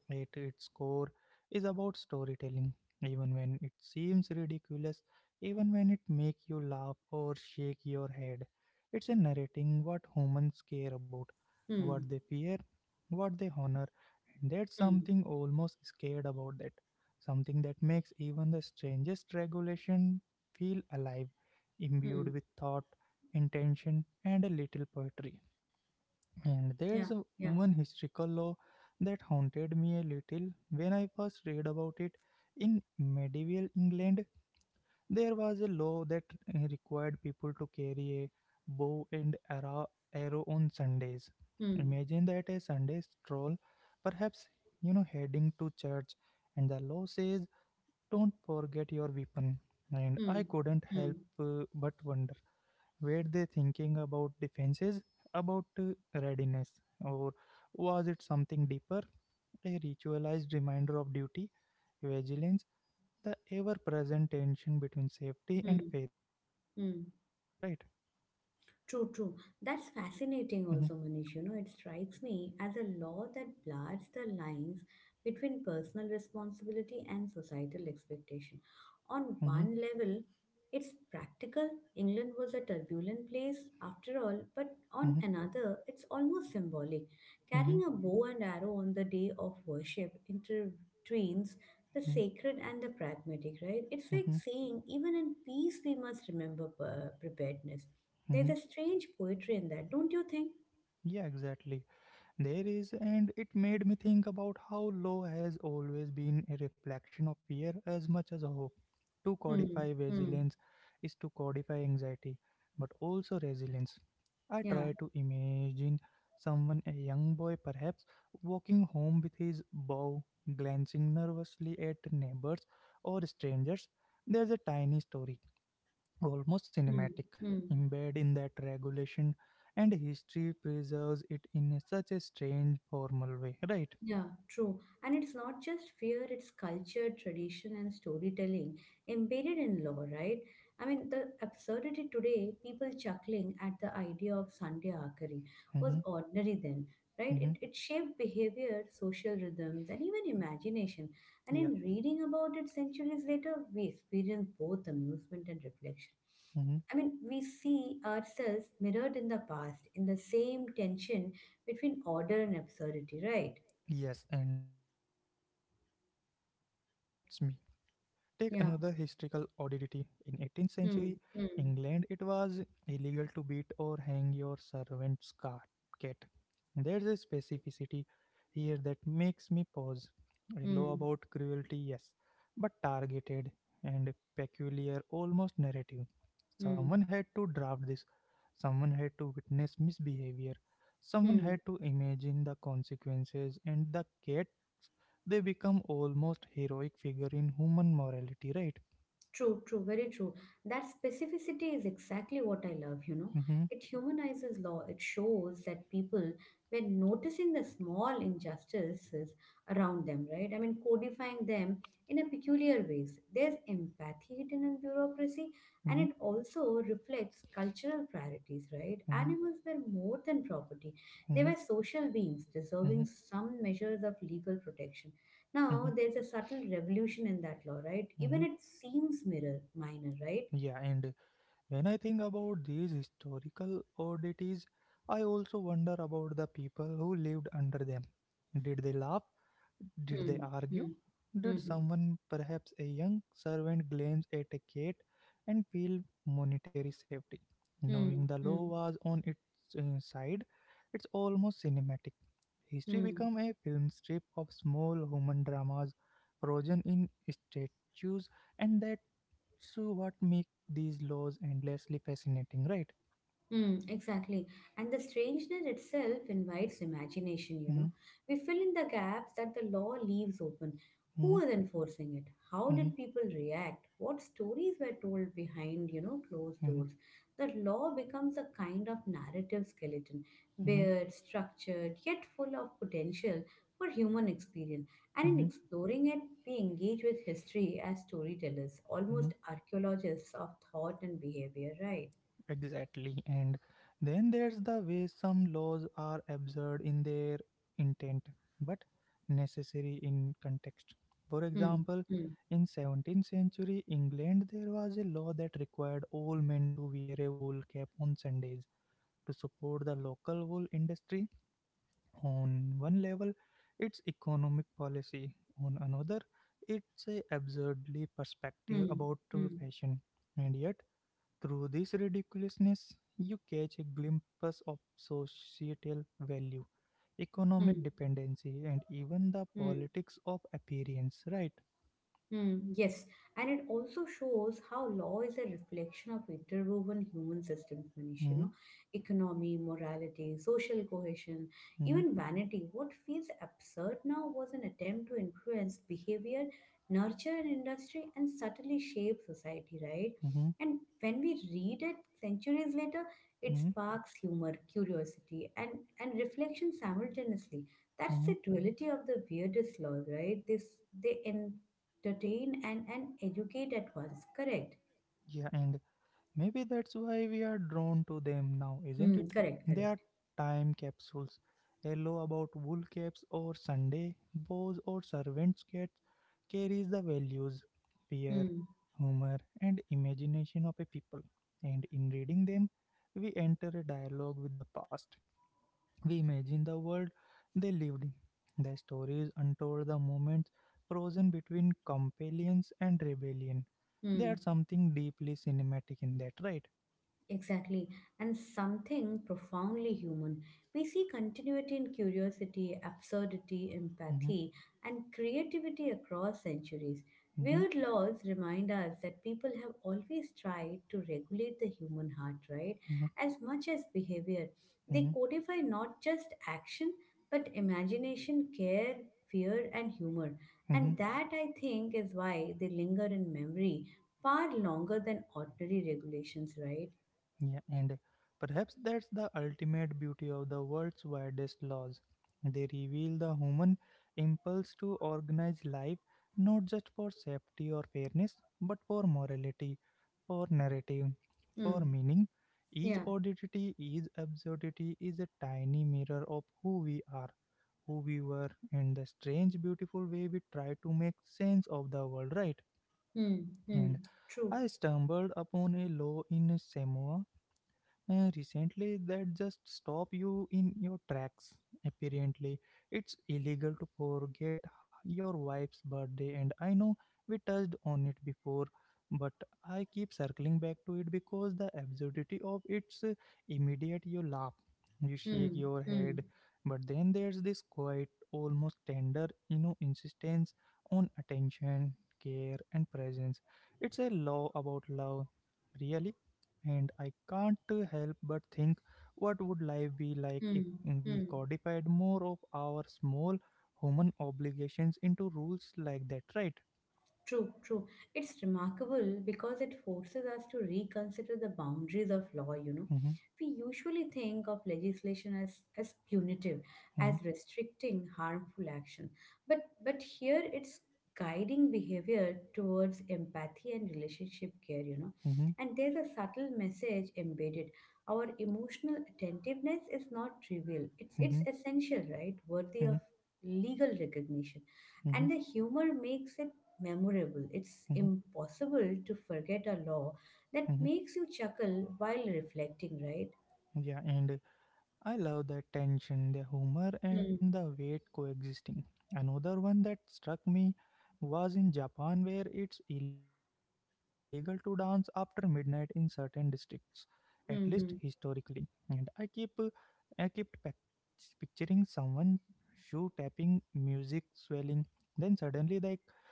[SPEAKER 1] at its core, is about storytelling, even when it seems ridiculous, even when it makes you laugh or shake your head. It's a narrating what humans care about, what
[SPEAKER 2] Hmm.
[SPEAKER 1] they fear, what they honor, and that's
[SPEAKER 2] Hmm.
[SPEAKER 1] something almost scared about that. Something that makes even the strangest regulation feel alive,
[SPEAKER 2] Hmm.
[SPEAKER 1] imbued with thought, intention, and a little poetry. And there's a
[SPEAKER 2] Yeah. Yeah.
[SPEAKER 1] one historical law that haunted me a little when I first read about it. In medieval England, there was a law that required people to carry a bow and arrow on Sundays.
[SPEAKER 2] Hmm.
[SPEAKER 1] Imagine that, a Sunday stroll, perhaps heading to church, and the law says, "Don't forget your weapon." And I
[SPEAKER 2] Hmm.
[SPEAKER 1] couldn't
[SPEAKER 2] Hmm.
[SPEAKER 1] help but wonder, were they thinking about defenses, about readiness, or was it something deeper, a ritualized reminder of duty, vigilance, the ever present tension between safety and
[SPEAKER 2] Hmm.
[SPEAKER 1] faith, right?
[SPEAKER 2] Hmm. True, true. That's
[SPEAKER 1] Mm-hmm,
[SPEAKER 2] fascinating, also, Manish. You know, it strikes me as a law that blurs the lines between personal responsibility and societal expectation. On
[SPEAKER 1] mm-hmm,
[SPEAKER 2] one level, it's practical. England was a turbulent place after all, but on
[SPEAKER 1] mm-hmm,
[SPEAKER 2] another, it's almost symbolic. Carrying a bow and arrow on the day of worship intertwines the
[SPEAKER 1] mm-hmm,
[SPEAKER 2] sacred and the pragmatic, right? It's like
[SPEAKER 1] mm-hmm,
[SPEAKER 2] saying, even in peace, we must remember preparedness. There's
[SPEAKER 1] mm-hmm.
[SPEAKER 2] a strange poetry in that, don't you think?
[SPEAKER 1] Yeah, exactly. There is, and it made me think about how law has always been a reflection of fear as much as hope. To
[SPEAKER 2] Hmm.
[SPEAKER 1] codify
[SPEAKER 2] Hmm.
[SPEAKER 1] vigilance is to codify anxiety, but also resilience. I
[SPEAKER 2] Yeah.
[SPEAKER 1] try to imagine someone, a young boy perhaps, walking home with his bow, glancing nervously at neighbors or strangers. There's a tiny story, almost
[SPEAKER 2] Hmm.
[SPEAKER 1] cinematic,
[SPEAKER 2] Hmm.
[SPEAKER 1] embedded in that regulation, and history preserves it in such a strange formal way, right?
[SPEAKER 2] Yeah, true. And it's not just fear, it's culture, tradition, and storytelling embedded in law, right? I mean, the absurdity today, people chuckling at the idea of Sunday Akari, was
[SPEAKER 1] Mm-hmm,
[SPEAKER 2] ordinary then, right?
[SPEAKER 1] mm-hmm,
[SPEAKER 2] It shaped behavior, social rhythms, and even imagination. And
[SPEAKER 1] yeah,
[SPEAKER 2] in reading about it centuries later, we experience both amusement and reflection.
[SPEAKER 1] mm-hmm.
[SPEAKER 2] I mean, we see ourselves mirrored in the past, in the same tension between order and absurdity, right?
[SPEAKER 1] Yes, and that tension fascinates me. Take another historical
[SPEAKER 2] Yeah.
[SPEAKER 1] oddity. In 18th century
[SPEAKER 2] Mm, mm,
[SPEAKER 1] England, it was illegal to beat or hang your servant's cat. There's a specificity here that makes me pause. A law
[SPEAKER 2] mm,
[SPEAKER 1] about cruelty, yes, but targeted and peculiar, almost narrative. Someone
[SPEAKER 2] mm,
[SPEAKER 1] had to draft this. Someone had to witness misbehavior. Someone
[SPEAKER 2] mm.
[SPEAKER 1] had to imagine the consequences, and the cat, they become almost heroic figure in human morality, right?
[SPEAKER 2] True, true, very true. That specificity is exactly what I love.
[SPEAKER 1] mm-hmm,
[SPEAKER 2] It humanizes law. It shows that people were noticing the small injustices around them, right? I mean, codifying them in a peculiar ways. There's empathy hidden in bureaucracy, and
[SPEAKER 1] mm-hmm,
[SPEAKER 2] it also reflects cultural priorities, right?
[SPEAKER 1] mm-hmm,
[SPEAKER 2] Animals were more than property. They
[SPEAKER 1] mm-hmm,
[SPEAKER 2] were social beings
[SPEAKER 1] mm-hmm,
[SPEAKER 2] deserving some measures of legal protection.
[SPEAKER 1] mm-hmm,
[SPEAKER 2] Now there's a subtle revolution in that law, right?
[SPEAKER 1] mm-hmm.
[SPEAKER 2] Even it seems mirror minor, right?
[SPEAKER 1] Yeah, and when I think about these historical oddities, I also wonder about the people who lived under them. Did they laugh? Did they
[SPEAKER 2] Hmm.
[SPEAKER 1] argue?
[SPEAKER 2] Hmm.
[SPEAKER 1] Did
[SPEAKER 2] Hmm.
[SPEAKER 1] someone, perhaps a young servant, glance at a cat and feel monetary safety?
[SPEAKER 2] Hmm.
[SPEAKER 1] Knowing the
[SPEAKER 2] Hmm.
[SPEAKER 1] law was on its side, it's almost cinematic. History
[SPEAKER 2] Hmm.
[SPEAKER 1] become a film strip of small human dramas frozen in statues, and that's what make these laws endlessly fascinating, right?
[SPEAKER 2] Mm, exactly. And the strangeness itself invites imagination.
[SPEAKER 1] hmm
[SPEAKER 2] We fill in the gaps that the law leaves open.
[SPEAKER 1] hmm
[SPEAKER 2] Who is enforcing it? How
[SPEAKER 1] hmm
[SPEAKER 2] did people react? What stories were told behind, closed
[SPEAKER 1] hmm
[SPEAKER 2] doors? The law becomes a kind of narrative skeleton,
[SPEAKER 1] hmm
[SPEAKER 2] bare, structured, yet full of potential for human experience. And in
[SPEAKER 1] hmm
[SPEAKER 2] exploring it, we engage with history as storytellers,
[SPEAKER 1] hmm
[SPEAKER 2] almost archaeologists of thought and behavior, right?
[SPEAKER 1] Exactly. And then there's the way some laws are absurd in their intent, but necessary in context. For
[SPEAKER 2] Hmm.
[SPEAKER 1] example,
[SPEAKER 2] hmm.
[SPEAKER 1] in 17th century England, there was a law that required all men to wear a wool cap on Sundays, to support the local wool industry. On one level, it's economic policy. On another, it's a absurdly perspective
[SPEAKER 2] హ్మ్.
[SPEAKER 1] about
[SPEAKER 2] హ్మ్.
[SPEAKER 1] fashion. And yet, through this ridiculousness, you catch a glimpse of societal value,
[SPEAKER 2] హ్మ్.
[SPEAKER 1] economic dependency, and even the
[SPEAKER 2] హ్మ్.
[SPEAKER 1] politics of appearance, right?
[SPEAKER 2] Hmm, yes, and it also shows how law is a reflection of interwoven human systems, Manish. You
[SPEAKER 1] Mm-hmm,
[SPEAKER 2] know, economy, morality, social cohesion, even vanity. What feels absurd now was an attempt to influence behavior, nurture an industry, and subtly shape society, right?
[SPEAKER 1] mm-hmm,
[SPEAKER 2] And when we read it centuries later, it
[SPEAKER 1] mm-hmm,
[SPEAKER 2] sparks humor, curiosity, and reflection simultaneously. That's
[SPEAKER 1] mm-hmm.
[SPEAKER 2] the duality of the weirdest laws, right? This they in entertain and educate at once. Correct.
[SPEAKER 1] Yeah, and maybe that's why we are drawn to them now, isn't
[SPEAKER 2] Hmm.
[SPEAKER 1] it?
[SPEAKER 2] Correct.
[SPEAKER 1] They
[SPEAKER 2] Correct.
[SPEAKER 1] are time capsules. Yellow about wool caps or Sunday, bows or servants' cats carries the values, fear,
[SPEAKER 2] Hmm.
[SPEAKER 1] humor, and imagination of a people. And in reading them, we enter a dialogue with the past. We imagine the world they lived in, the stories untold, the moments frozen between compliance and rebellion. There
[SPEAKER 2] Hmm.
[SPEAKER 1] are something deeply cinematic in that, right?
[SPEAKER 2] Exactly, and something profoundly human. We see continuity in curiosity, absurdity,
[SPEAKER 1] Mhm,
[SPEAKER 2] empathy, and creativity across centuries.
[SPEAKER 1] mhm,
[SPEAKER 2] Weird laws remind us that people have always tried to regulate the human heart, right?
[SPEAKER 1] mhm,
[SPEAKER 2] As much as behavior. They
[SPEAKER 1] mhm,
[SPEAKER 2] codify not just action, but imagination, care, fear, and humor.
[SPEAKER 1] mhm.
[SPEAKER 2] And that, I think, is why they linger in memory far longer than ordinary regulations, right?
[SPEAKER 1] Yeah, and perhaps that's the ultimate beauty of the world's widest laws. They reveal the human impulse to organize life not just for safety or fairness, but for morality, for narrative, for
[SPEAKER 2] Mm.
[SPEAKER 1] meaning. Each
[SPEAKER 2] Yeah.
[SPEAKER 1] oddity, each absurdity is a tiny mirror of who we are, who we were, and the strange, beautiful way we try to make sense of the world, right?
[SPEAKER 2] Mm. Mm.
[SPEAKER 1] And
[SPEAKER 2] True.
[SPEAKER 1] I stumbled upon a law in Samoa recently, that just stop you in your tracks. Apparently, it's illegal to forget your wife's birthday, and I know we touched on it before, but I keep circling back to it because the absurdity of it's immediate. You laugh, you shake
[SPEAKER 2] Mm.
[SPEAKER 1] your
[SPEAKER 2] Mm.
[SPEAKER 1] head, but then there's this quiet, almost tender, insistence on attention, care, and presence. It's a law about love, really, and I can't help but think, what would life be like if
[SPEAKER 2] Mm.
[SPEAKER 1] we
[SPEAKER 2] Mm.
[SPEAKER 1] codified more of our small human obligations into rules like that, right?
[SPEAKER 2] True, true. It's remarkable because it forces us to reconsider the boundaries of law.
[SPEAKER 1] Mm-hmm,
[SPEAKER 2] We usually think of legislation as punitive, as restricting harmful action. But here it's guiding behavior towards empathy and relationship care.
[SPEAKER 1] mm-hmm,
[SPEAKER 2] And there's a subtle message embedded. Our emotional attentiveness is not trivial. It's
[SPEAKER 1] mm-hmm,
[SPEAKER 2] essential, right? Worthy
[SPEAKER 1] mm-hmm,
[SPEAKER 2] of legal recognition.
[SPEAKER 1] mm-hmm,
[SPEAKER 2] And the humor makes it memorable. It's
[SPEAKER 1] mm-hmm, mm-hmm.
[SPEAKER 2] impossible to forget a law that
[SPEAKER 1] mm-hmm.
[SPEAKER 2] makes you chuckle while reflecting, right?
[SPEAKER 1] Yeah, and I love the tension, the humor,
[SPEAKER 2] Hmm.
[SPEAKER 1] and the weight coexisting. Another one that struck me was in Japan, where it's illegal to dance after midnight in certain districts, at least historically.
[SPEAKER 2] Hmm.
[SPEAKER 1] And I kept picturing someone shoe tapping, music swelling, then suddenly the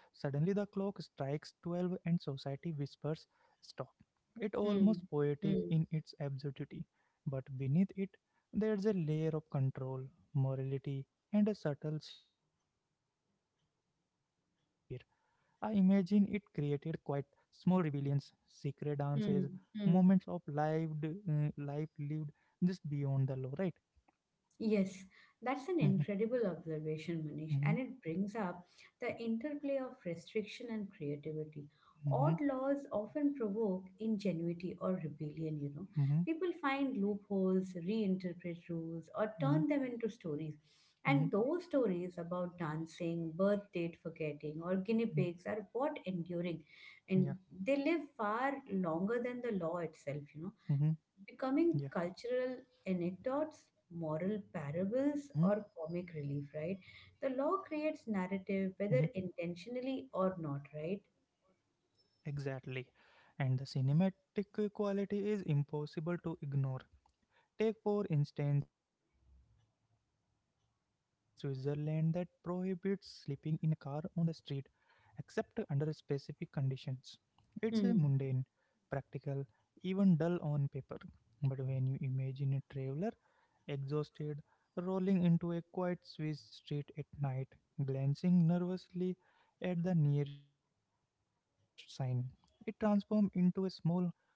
[SPEAKER 1] suddenly the clock strikes 12, and society whispers, "Stop." It
[SPEAKER 2] Hmm.
[SPEAKER 1] almost
[SPEAKER 2] Hmm.
[SPEAKER 1] poetic
[SPEAKER 2] Hmm.
[SPEAKER 1] in its absurdity, but beneath it there's a layer of control, morality, and a subtle shaping of public behavior. I imagine it created quite small rebellions, secret dances,
[SPEAKER 2] Hmm.
[SPEAKER 1] moments
[SPEAKER 2] Hmm.
[SPEAKER 1] of lived life lived just beyond the law, right?
[SPEAKER 2] Yes, that's an
[SPEAKER 1] Mhm,
[SPEAKER 2] incredible observation, Manish,
[SPEAKER 1] mhm,
[SPEAKER 2] and it brings up the interplay of restriction and creativity.
[SPEAKER 1] mhm,
[SPEAKER 2] Odd laws often provoke ingenuity or rebellion. People find loopholes, reinterpret rules, or
[SPEAKER 1] mhm,
[SPEAKER 2] turn them into stories.
[SPEAKER 1] mhm,
[SPEAKER 2] And those stories about dancing, birth date forgetting, or guinea
[SPEAKER 1] mhm,
[SPEAKER 2] pigs are what enduring.
[SPEAKER 1] mhm. yeah,
[SPEAKER 2] And they live far longer than the law itself,
[SPEAKER 1] mhm,
[SPEAKER 2] becoming
[SPEAKER 1] yeah,
[SPEAKER 2] cultural anecdotes,
[SPEAKER 1] mhm,
[SPEAKER 2] moral parables, or comic relief, right? The law creates
[SPEAKER 1] mhm.
[SPEAKER 2] narrative, whether intentionally or not, right?
[SPEAKER 1] Exactly. And the cinematic quality is impossible to ignore. Take, for instance, the law in Switzerland that prohibits sleeping in a car on the street except under specific conditions. It's a
[SPEAKER 2] Hmm.
[SPEAKER 1] mundane, practical, even dull on paper. But when you imagine a traveler, exhausted, rolling into a quiet Swiss street at night, glancing nervously at the nearest sign, it transforms into a small human drama.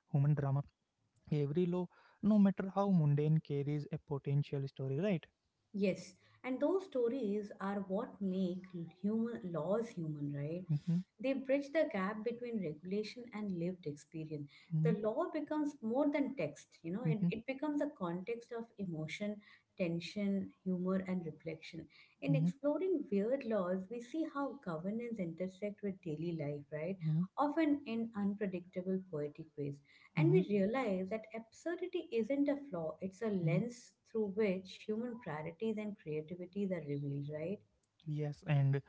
[SPEAKER 1] Every law, no matter how mundane, carries a potential story, right?
[SPEAKER 2] Yes, and those stories are what make human laws human, right?
[SPEAKER 1] Mm-hmm,
[SPEAKER 2] They bridge the gap between regulation and lived experience. The
[SPEAKER 1] mm-hmm,
[SPEAKER 2] law becomes more than text, it,
[SPEAKER 1] mm-hmm,
[SPEAKER 2] it becomes a context of emotion, tension, humor, and reflection. In
[SPEAKER 1] mm-hmm,
[SPEAKER 2] exploring weird laws, we see how governance intersect with daily life, right?
[SPEAKER 1] mm-hmm,
[SPEAKER 2] Often in unpredictable poetic ways. And
[SPEAKER 1] mm-hmm,
[SPEAKER 2] we realize that absurdity isn't a flaw, it's a
[SPEAKER 1] mm-hmm.
[SPEAKER 2] lens through which human priorities and creativities are revealed, right?
[SPEAKER 1] Yes, and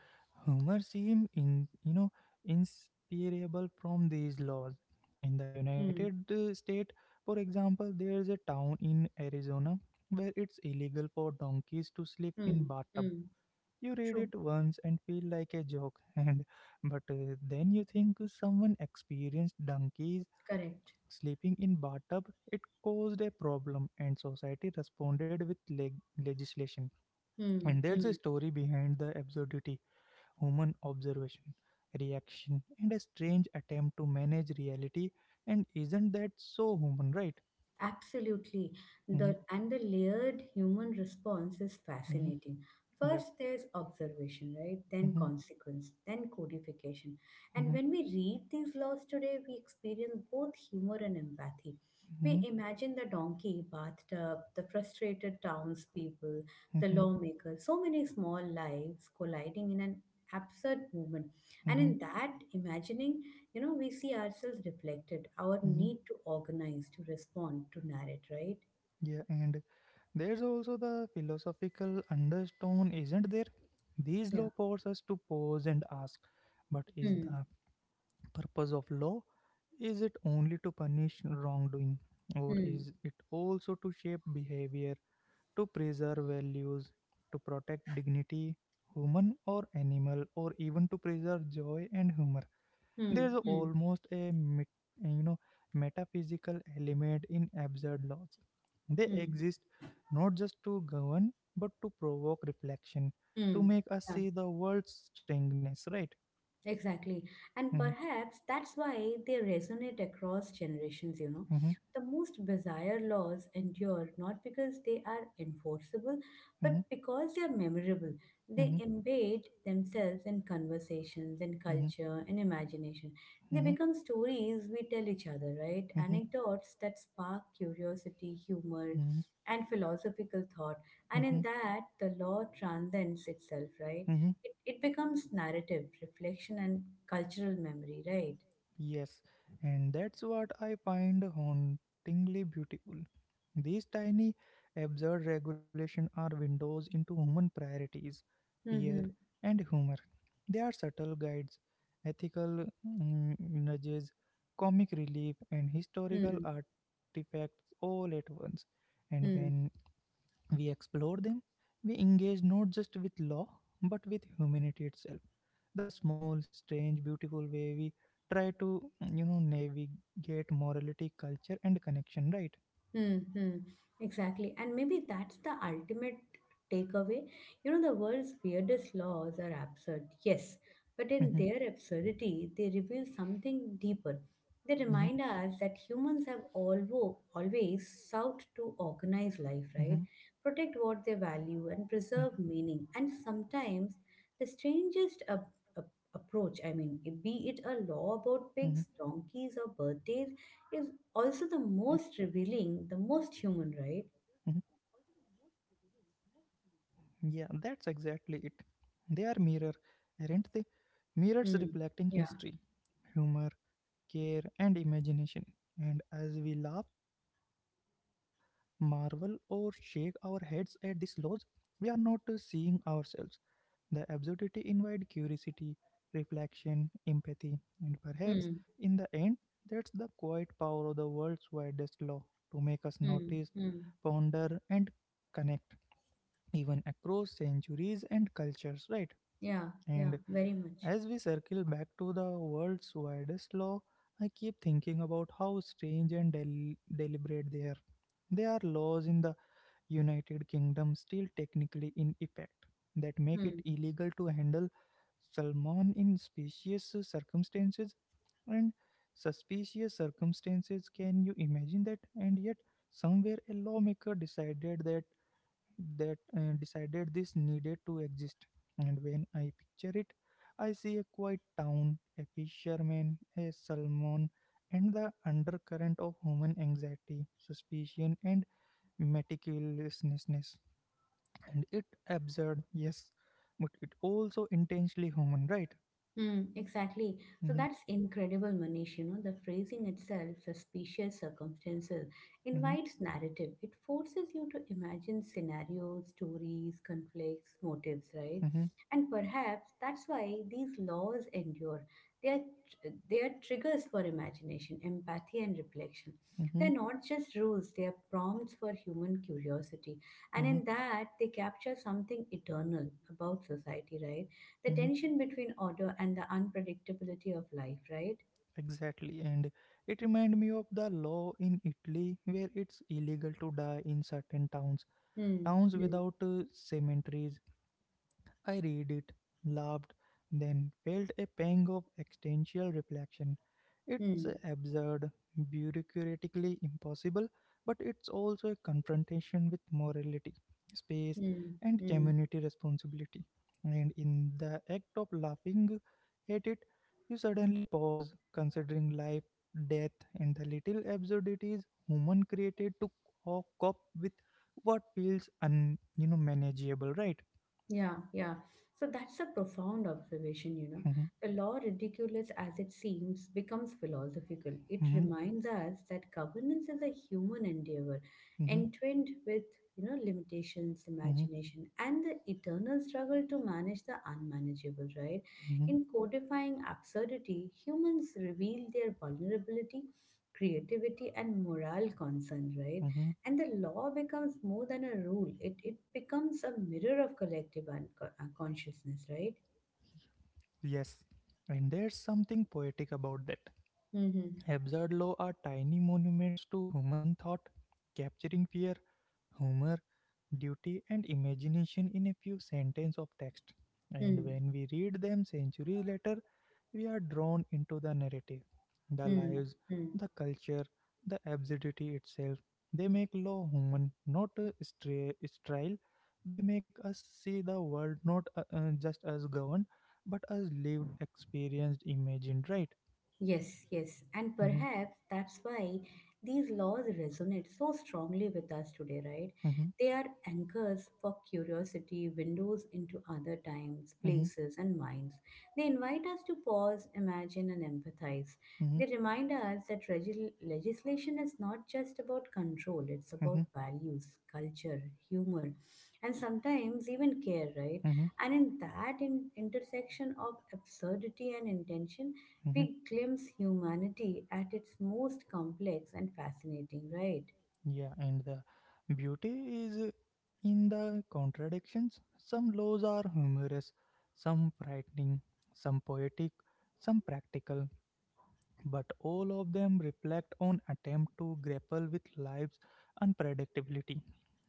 [SPEAKER 1] Homer seemed in inspirable from these laws. In the
[SPEAKER 2] Hmm.
[SPEAKER 1] United States, for example, there is a town in Arizona where it's illegal for donkeys to sleep
[SPEAKER 2] Hmm.
[SPEAKER 1] in bathtub.
[SPEAKER 2] Hmm.
[SPEAKER 1] You read
[SPEAKER 2] True.
[SPEAKER 1] it once and feel like a joke, and but then you think someone experienced donkeys
[SPEAKER 2] Correct.
[SPEAKER 1] sleeping in bathtub, it caused a problem and society responded with legislation.
[SPEAKER 2] Hmm.
[SPEAKER 1] And there's a
[SPEAKER 2] Hmm.
[SPEAKER 1] story behind the absurdity, human observation, reaction, and a strange attempt to manage reality. And isn't that so human, right?
[SPEAKER 2] Absolutely.
[SPEAKER 1] Hmm.
[SPEAKER 2] The and the layered human response is
[SPEAKER 1] Hmm.
[SPEAKER 2] fascinating.
[SPEAKER 1] Yeah.
[SPEAKER 2] First there's observation, right? Then
[SPEAKER 1] Hmm.
[SPEAKER 2] consequence, then codification.
[SPEAKER 1] Hmm.
[SPEAKER 2] And when we read these laws today, we experience both humor and empathy. We
[SPEAKER 1] Hmm.
[SPEAKER 2] imagine the donkey, bathtub, the frustrated townspeople, the
[SPEAKER 1] Hmm.
[SPEAKER 2] lawmaker, so many small lives colliding in an absurd movement. And
[SPEAKER 1] Hmm.
[SPEAKER 2] in that imagining, we see ourselves reflected, our
[SPEAKER 1] Hmm.
[SPEAKER 2] need to organize, to respond, to narrate, right?
[SPEAKER 1] Yeah. And there's also the philosophical undertone, isn't there? These
[SPEAKER 2] Yeah.
[SPEAKER 1] law force us to pause and ask, but is
[SPEAKER 2] Hmm.
[SPEAKER 1] the purpose of law? Is it only to punish wrongdoing, or
[SPEAKER 2] Hmm.
[SPEAKER 1] is it also to shape behavior, to preserve values, to protect dignity, human or animal, or even to preserve joy and humor?
[SPEAKER 2] Hmm.
[SPEAKER 1] There is
[SPEAKER 2] Hmm.
[SPEAKER 1] almost a metaphysical element in absurd laws. They
[SPEAKER 2] Hmm.
[SPEAKER 1] exist not just to govern but to provoke reflection, to
[SPEAKER 2] Hmm.
[SPEAKER 1] make us
[SPEAKER 2] Yeah.
[SPEAKER 1] see the world's strangeness. Right?
[SPEAKER 2] Exactly. And
[SPEAKER 1] Hmm.
[SPEAKER 2] perhaps that's why they resonate across generations.
[SPEAKER 1] Hmm.
[SPEAKER 2] The most bizarre laws endure not because they are enforceable, but because they are memorable. They
[SPEAKER 1] Hmm.
[SPEAKER 2] embed themselves in conversations, in
[SPEAKER 1] Hmm.
[SPEAKER 2] culture, in imagination. They
[SPEAKER 1] Hmm.
[SPEAKER 2] become stories we tell each other, right?
[SPEAKER 1] Mhm,
[SPEAKER 2] Anecdotes that spark curiosity, humor,
[SPEAKER 1] mhm,
[SPEAKER 2] and philosophical thought. And in
[SPEAKER 1] mhm,
[SPEAKER 2] that, the law transcends itself, right?
[SPEAKER 1] mhm.
[SPEAKER 2] It becomes narrative, reflection, and cultural memory, right?
[SPEAKER 1] Yes, and that's what I find hauntingly beautiful. These tiny, absurd regulations are windows into human priorities, fear,
[SPEAKER 2] Mm-hmm.
[SPEAKER 1] and humor. They are subtle guides, ethical nudges, comic relief, and historical
[SPEAKER 2] Mm-hmm.
[SPEAKER 1] artifacts all at once. And when we explore them, we engage not just with law, but with humanity itself. The small, strange, beautiful way we try to, navigate morality, culture, and connection, right?
[SPEAKER 2] hmm Exactly. And maybe that's the ultimate takeaway. You know, the world's weirdest laws are absurd, yes, but in
[SPEAKER 1] Mhm,
[SPEAKER 2] their absurdity, they reveal something deeper. They
[SPEAKER 1] mhm,
[SPEAKER 2] remind us that humans have always sought to organize life, right?
[SPEAKER 1] mhm,
[SPEAKER 2] Protect what they value and
[SPEAKER 1] mhm,
[SPEAKER 2] preserve meaning. And sometimes the strangest ab- approach, I mean, be it a law about
[SPEAKER 1] mhm,
[SPEAKER 2] pigs, donkeys, or birthdays,
[SPEAKER 1] mhm,
[SPEAKER 2] is also the most revealing, the most human,
[SPEAKER 1] mhm.
[SPEAKER 2] right?
[SPEAKER 1] Yeah, that's exactly it. They are mirror, aren't they? Mirrors
[SPEAKER 2] Hmm.
[SPEAKER 1] reflecting
[SPEAKER 2] Yeah.
[SPEAKER 1] history, humor, care, and imagination. And as we laugh, marvel, or shake our heads at these laws, we are not seeing ourselves. The absurdity invites curiosity, reflection, empathy, and perhaps
[SPEAKER 2] Hmm.
[SPEAKER 1] in the end, that's the quiet power of the world's widest law to make us
[SPEAKER 2] Hmm.
[SPEAKER 1] notice,
[SPEAKER 2] Hmm.
[SPEAKER 1] ponder, and connect, even across centuries and cultures, right?
[SPEAKER 2] Yeah. Yeah.
[SPEAKER 1] And
[SPEAKER 2] Very much.
[SPEAKER 1] as we circle back to the world's widest law, I keep thinking about how strange and deliberate they are. They are laws in the United Kingdom still technically in effect that make it
[SPEAKER 2] Hmm.
[SPEAKER 1] illegal to handle salmon in specious circumstances and suspicious circumstances. Can you imagine that? And yet somewhere a lawmaker decided that that decided this needed to exist. And when I picture it, I see a quiet town, a fisherman, a salmon, and the undercurrent of human anxiety, suspicion, and meticulousness. And it absurd, yes, but it also intensely human, right?
[SPEAKER 2] Hmm, exactly. So
[SPEAKER 1] Mm-hmm,
[SPEAKER 2] that's incredible, Manish. You know, the phrasing itself, suspicious circumstances,
[SPEAKER 1] mm-hmm,
[SPEAKER 2] invites narrative. It forces you to imagine scenarios, stories, conflicts, motives, right?
[SPEAKER 1] mm-hmm,
[SPEAKER 2] And perhaps that's why these laws endure. They are, they are triggers for imagination, empathy, and reflection.
[SPEAKER 1] mm-hmm,
[SPEAKER 2] They're not just rules, they are prompts for human curiosity. And
[SPEAKER 1] mm-hmm,
[SPEAKER 2] in that, they capture something eternal about society, right? The
[SPEAKER 1] mm-hmm.
[SPEAKER 2] tension between order and the unpredictability of life, right?
[SPEAKER 1] Exactly. And it reminded me of the law in Italy where it's illegal to die in certain towns,
[SPEAKER 2] Hmm.
[SPEAKER 1] towns
[SPEAKER 2] Hmm.
[SPEAKER 1] without cemeteries. I read it, laughed, then felt a pang of existential reflection. It's
[SPEAKER 2] Hmm.
[SPEAKER 1] absurd, bureaucratically impossible, but it's also a confrontation with morality, space,
[SPEAKER 2] Hmm.
[SPEAKER 1] and
[SPEAKER 2] Hmm.
[SPEAKER 1] community responsibility. And in the act of laughing at it, you suddenly pause, considering life, death, and the little absurdities human created to cope with what feels un you know manageable, right?
[SPEAKER 2] Yeah, yeah. So that's a profound observation. The law, ridiculous as it seems, becomes philosophical. It reminds us that governance is a human endeavor,
[SPEAKER 1] Hmm.
[SPEAKER 2] entwined with, limitations,
[SPEAKER 1] Hmm.
[SPEAKER 2] imagination, and the eternal struggle to manage the unmanageable, right?
[SPEAKER 1] Hmm.
[SPEAKER 2] In codifying absurdity, humans reveal their vulnerability, creativity, and moral concern, right?
[SPEAKER 1] Hmm.
[SPEAKER 2] And the law becomes more than a rule. It becomes a mirror of collective consciousness, right?
[SPEAKER 1] Yes, and there's something poetic about that.
[SPEAKER 2] Mm-hmm.
[SPEAKER 1] Absurd law are tiny monuments to human thought, capturing fear, humor, duty, and imagination in a few sentences of text. And
[SPEAKER 2] Mm-hmm.
[SPEAKER 1] when we read them centuries later, we are drawn into the narrative, the lives,
[SPEAKER 2] Mm-hmm.
[SPEAKER 1] the culture, the absurdity itself. They make law human, not a sterile. They make us see the world not just as governed, but as lived, experienced, imagined, right?
[SPEAKER 2] Yes, yes, and
[SPEAKER 1] Mhm,
[SPEAKER 2] perhaps that's why these laws resonate so strongly with us today, right?
[SPEAKER 1] mhm,
[SPEAKER 2] They are anchors for curiosity, windows into other times,
[SPEAKER 1] mhm,
[SPEAKER 2] places, and minds. They invite us to pause, imagine, and empathize.
[SPEAKER 1] mhm,
[SPEAKER 2] They remind us that legislation is not just about control, it's
[SPEAKER 1] mhm,
[SPEAKER 2] about values, culture, humor, and sometimes even care, right?
[SPEAKER 1] mhm,
[SPEAKER 2] And in that intersection of absurdity and intention,
[SPEAKER 1] mhm.
[SPEAKER 2] we glimpse humanity at its most complex and fascinating, right?
[SPEAKER 1] Yeah, and the beauty is in the contradictions. Some laws are humorous, some frightening, some poetic, some practical, but all of them reflect on attempt to grapple with life's unpredictability.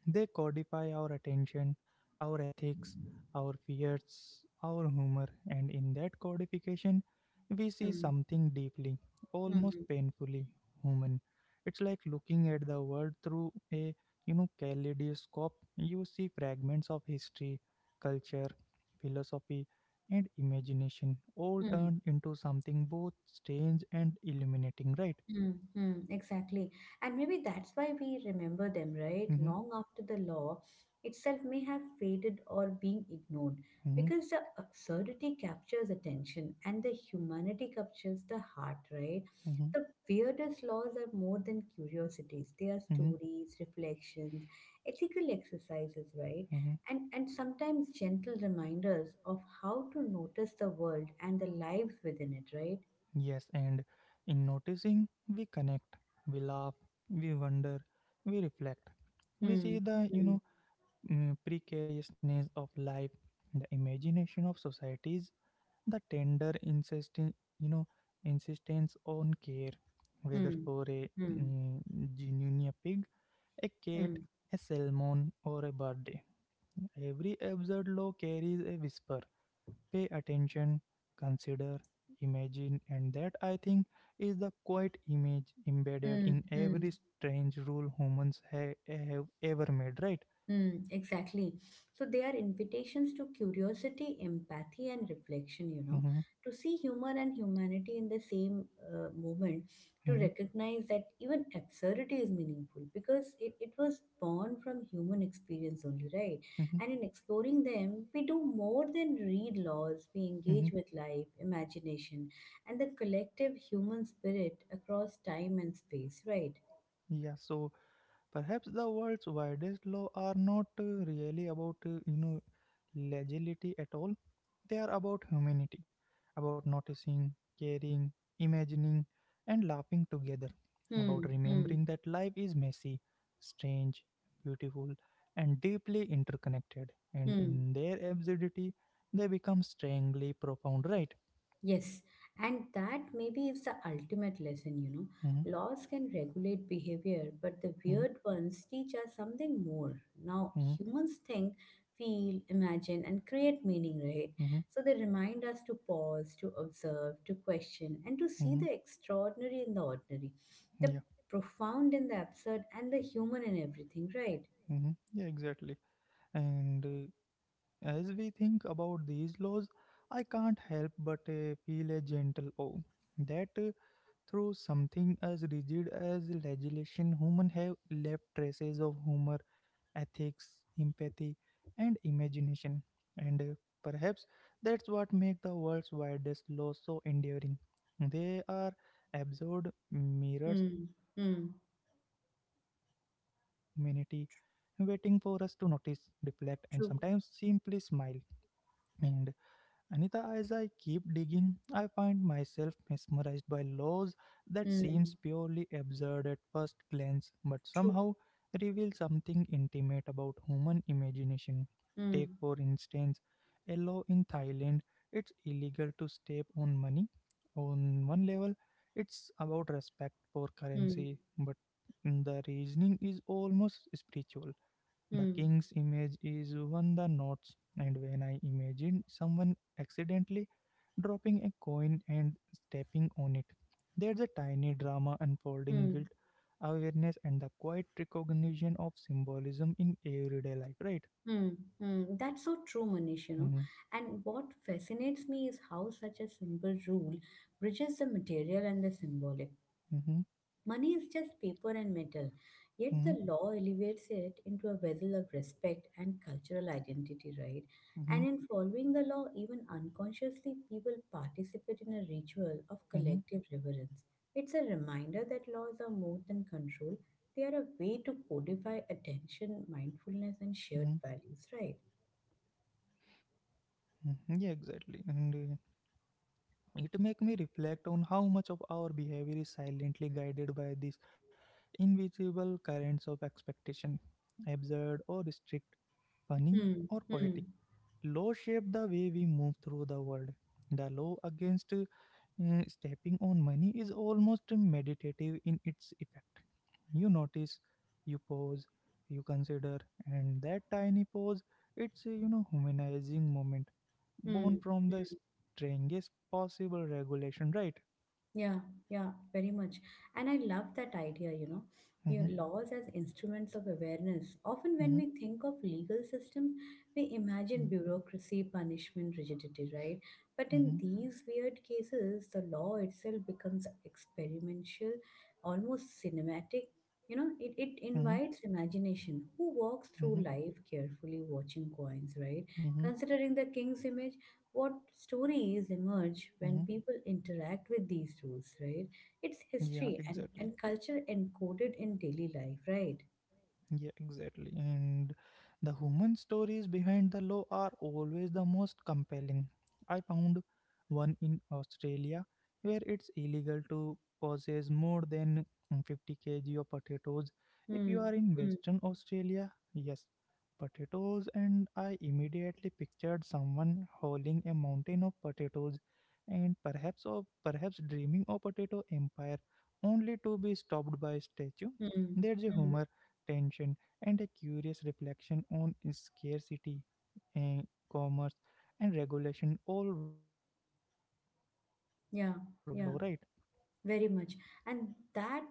[SPEAKER 1] They codify our attention, our ethics, our fears, our humor, and in that codification, we see
[SPEAKER 2] Mm,
[SPEAKER 1] something deeply, almost
[SPEAKER 2] mhm,
[SPEAKER 1] painfully human. It's like looking at the world through a kaleidoscope. You see fragments of history, culture, philosophy, and imagination all
[SPEAKER 2] mhm.
[SPEAKER 1] turned into something both strange and illuminating, right?
[SPEAKER 2] Mm-hmm, exactly. And maybe that's why we remember them, right?
[SPEAKER 1] Hmm.
[SPEAKER 2] Long after the law itself may have faded or being ignored,
[SPEAKER 1] Hmm.
[SPEAKER 2] because the absurdity captures attention and the humanity captures the heart, right?
[SPEAKER 1] Hmm.
[SPEAKER 2] The weirdest laws are more than curiosities. They are
[SPEAKER 1] Hmm.
[SPEAKER 2] stories, reflections, ethical exercises, right?
[SPEAKER 1] Hmm.
[SPEAKER 2] And sometimes gentle reminders of how to notice the world and the lives within it, right?
[SPEAKER 1] Yes, and in noticing, we connect, we laugh, we wonder, we reflect. We see the,
[SPEAKER 2] Mm-hmm.
[SPEAKER 1] precariousness of life, the imagination of societies, the tender insisting, you know, insistence on care, whether
[SPEAKER 2] Mm,
[SPEAKER 1] for a
[SPEAKER 2] mm,
[SPEAKER 1] genuine pig, a cat,
[SPEAKER 2] mm,
[SPEAKER 1] a salmon, or a bird. Every absurd law carries a whisper. Pay attention, consider, imagine, and that I think is the quiet image embedded
[SPEAKER 2] mm,
[SPEAKER 1] in every
[SPEAKER 2] mm,
[SPEAKER 1] strange rule humans have ever made, right?
[SPEAKER 2] mm, exactly. So they are invitations to curiosity, empathy, and reflection,
[SPEAKER 1] Mhm,
[SPEAKER 2] to see humor and humanity in the same moment, to
[SPEAKER 1] mhm,
[SPEAKER 2] recognize that even absurdity is meaningful because it was born from human experience only, right?
[SPEAKER 1] mhm,
[SPEAKER 2] And in exploring them, we do more than read laws, we
[SPEAKER 1] mhm.
[SPEAKER 2] engage with life, imagination, and the collective human spirit across time and space, right?
[SPEAKER 1] Yeah, so perhaps the world's widest law are not really about legility at all. They are about humanity, about noticing, caring, imagining, and laughing together, about
[SPEAKER 2] Hmm, hmm,
[SPEAKER 1] remembering that life is messy, strange, beautiful, and deeply interconnected. And
[SPEAKER 2] hmm.
[SPEAKER 1] in their absurdity, they become strangely profound, right?
[SPEAKER 2] Yes, and that maybe is the ultimate lesson, you know.
[SPEAKER 1] Hmm.
[SPEAKER 2] Laws can regulate behavior, but the
[SPEAKER 1] Hmm.
[SPEAKER 2] weird ones teach us something more. Now,
[SPEAKER 1] Hmm.
[SPEAKER 2] humans think, feel, imagine, and create meaning, right?
[SPEAKER 1] Hmm.
[SPEAKER 2] So they remind us to pause, to observe, to question, and to see
[SPEAKER 1] Hmm.
[SPEAKER 2] the extraordinary in the ordinary, the
[SPEAKER 1] Yeah.
[SPEAKER 2] profound in the absurd, and the human in everything, right?
[SPEAKER 1] Yeah, exactly. And as we think about these laws, I can't help but feel a gentle awe that through something as rigid as legislation, humans have left traces of humor, ethics, empathy, and imagination. And perhaps that's what makes the world's widest laws so enduring. They are absurd mirrors
[SPEAKER 2] Hmm,
[SPEAKER 1] of our
[SPEAKER 2] hmm.
[SPEAKER 1] shared humanity, waiting for us to notice, reflect, and sometimes
[SPEAKER 2] True.
[SPEAKER 1] simply smile. And Anita, as I keep digging, I find myself mesmerized by laws that seems
[SPEAKER 2] Hmm,
[SPEAKER 1] purely absurd at first glance, but
[SPEAKER 2] true.
[SPEAKER 1] somehow reveal something intimate about human imagination. Take,
[SPEAKER 2] Hmm,
[SPEAKER 1] for instance, a law in Thailand. It's illegal to step on money. On one level, it's about respect for
[SPEAKER 2] hmm,
[SPEAKER 1] currency, but the reasoning is almost spiritual. The
[SPEAKER 2] hmm.
[SPEAKER 1] king's image is on the notes, and when I imagine someone accidentally dropping a coin and stepping on it, there's a tiny drama unfolding guilt,
[SPEAKER 2] Hmm.
[SPEAKER 1] awareness, and the quiet recognition of symbolism in everyday life, right?
[SPEAKER 2] Hmm. Hmm. That's so true, Manish, you know.
[SPEAKER 1] Mm-hmm,
[SPEAKER 2] And what fascinates me is how such a simple rule bridges the material and the symbolic.
[SPEAKER 1] mm-hmm,
[SPEAKER 2] Money is just paper and metal, yet the law elevates it into a vessel of respect and cultural identity, right?
[SPEAKER 1] mm-hmm,
[SPEAKER 2] And in following the law, even unconsciously, people participate in a ritual of
[SPEAKER 1] mm-hmm, mm-hmm,
[SPEAKER 2] collective reverence. It's a reminder that laws are more than control, they are a way to codify
[SPEAKER 1] mm-hmm.
[SPEAKER 2] attention, mindfulness, and shared values, right?
[SPEAKER 1] Mm-hmm. Yeah, exactly. And it make me reflect on how much of our behavior is silently guided by this invisible currents of expectation, absurd or strict, funny
[SPEAKER 2] Hmm.
[SPEAKER 1] or
[SPEAKER 2] Hmm.
[SPEAKER 1] poetic. Law shape the way we move through the world. The law against stepping on money is almost meditative in its effect. You notice, you pause, you consider, and that tiny pause, it's a humanizing moment,
[SPEAKER 2] Hmm.
[SPEAKER 1] born from the
[SPEAKER 2] Hmm.
[SPEAKER 1] strangest possible regulation, right?
[SPEAKER 2] Yeah, yeah, very much. And I love that idea, you know, you
[SPEAKER 1] Mm-hmm,
[SPEAKER 2] laws as instruments of awareness. Often, when
[SPEAKER 1] mm-hmm,
[SPEAKER 2] we think of legal systems, we imagine bureaucracy, punishment, rigidity, right? But
[SPEAKER 1] mm-hmm,
[SPEAKER 2] in these weird cases, the law itself becomes experimental, almost cinematic. You know, it
[SPEAKER 1] mm-hmm, mm-hmm,
[SPEAKER 2] invites imagination. Who walks through
[SPEAKER 1] mm-hmm.
[SPEAKER 2] life carefully watching coins, right?
[SPEAKER 1] Mm-hmm,
[SPEAKER 2] Considering the king's image, what stories emerge
[SPEAKER 1] mm-hmm.
[SPEAKER 2] when people interact with these rules, right? It's
[SPEAKER 1] Yeah,
[SPEAKER 2] history
[SPEAKER 1] exactly.
[SPEAKER 2] and culture encoded in daily life, right?
[SPEAKER 1] Yeah, exactly. And the human stories behind the law are always the most compelling. I found one in Australia where it's illegal to possess more than 50 kg of potatoes if
[SPEAKER 2] Hmm.
[SPEAKER 1] you are in
[SPEAKER 2] Hmm.
[SPEAKER 1] Western Australia. Yes, potatoes, and I immediately pictured someone hauling a mountain of potatoes and perhaps dreaming of potato empire only to be stopped by a statue.
[SPEAKER 2] Hmm.
[SPEAKER 1] There's a
[SPEAKER 2] Hmm.
[SPEAKER 1] humor tension, and a curious reflection on scarcity, eh, commerce, and regulation all wrapped into one absurd law, right?
[SPEAKER 2] Yeah. Yeah. Very much. And that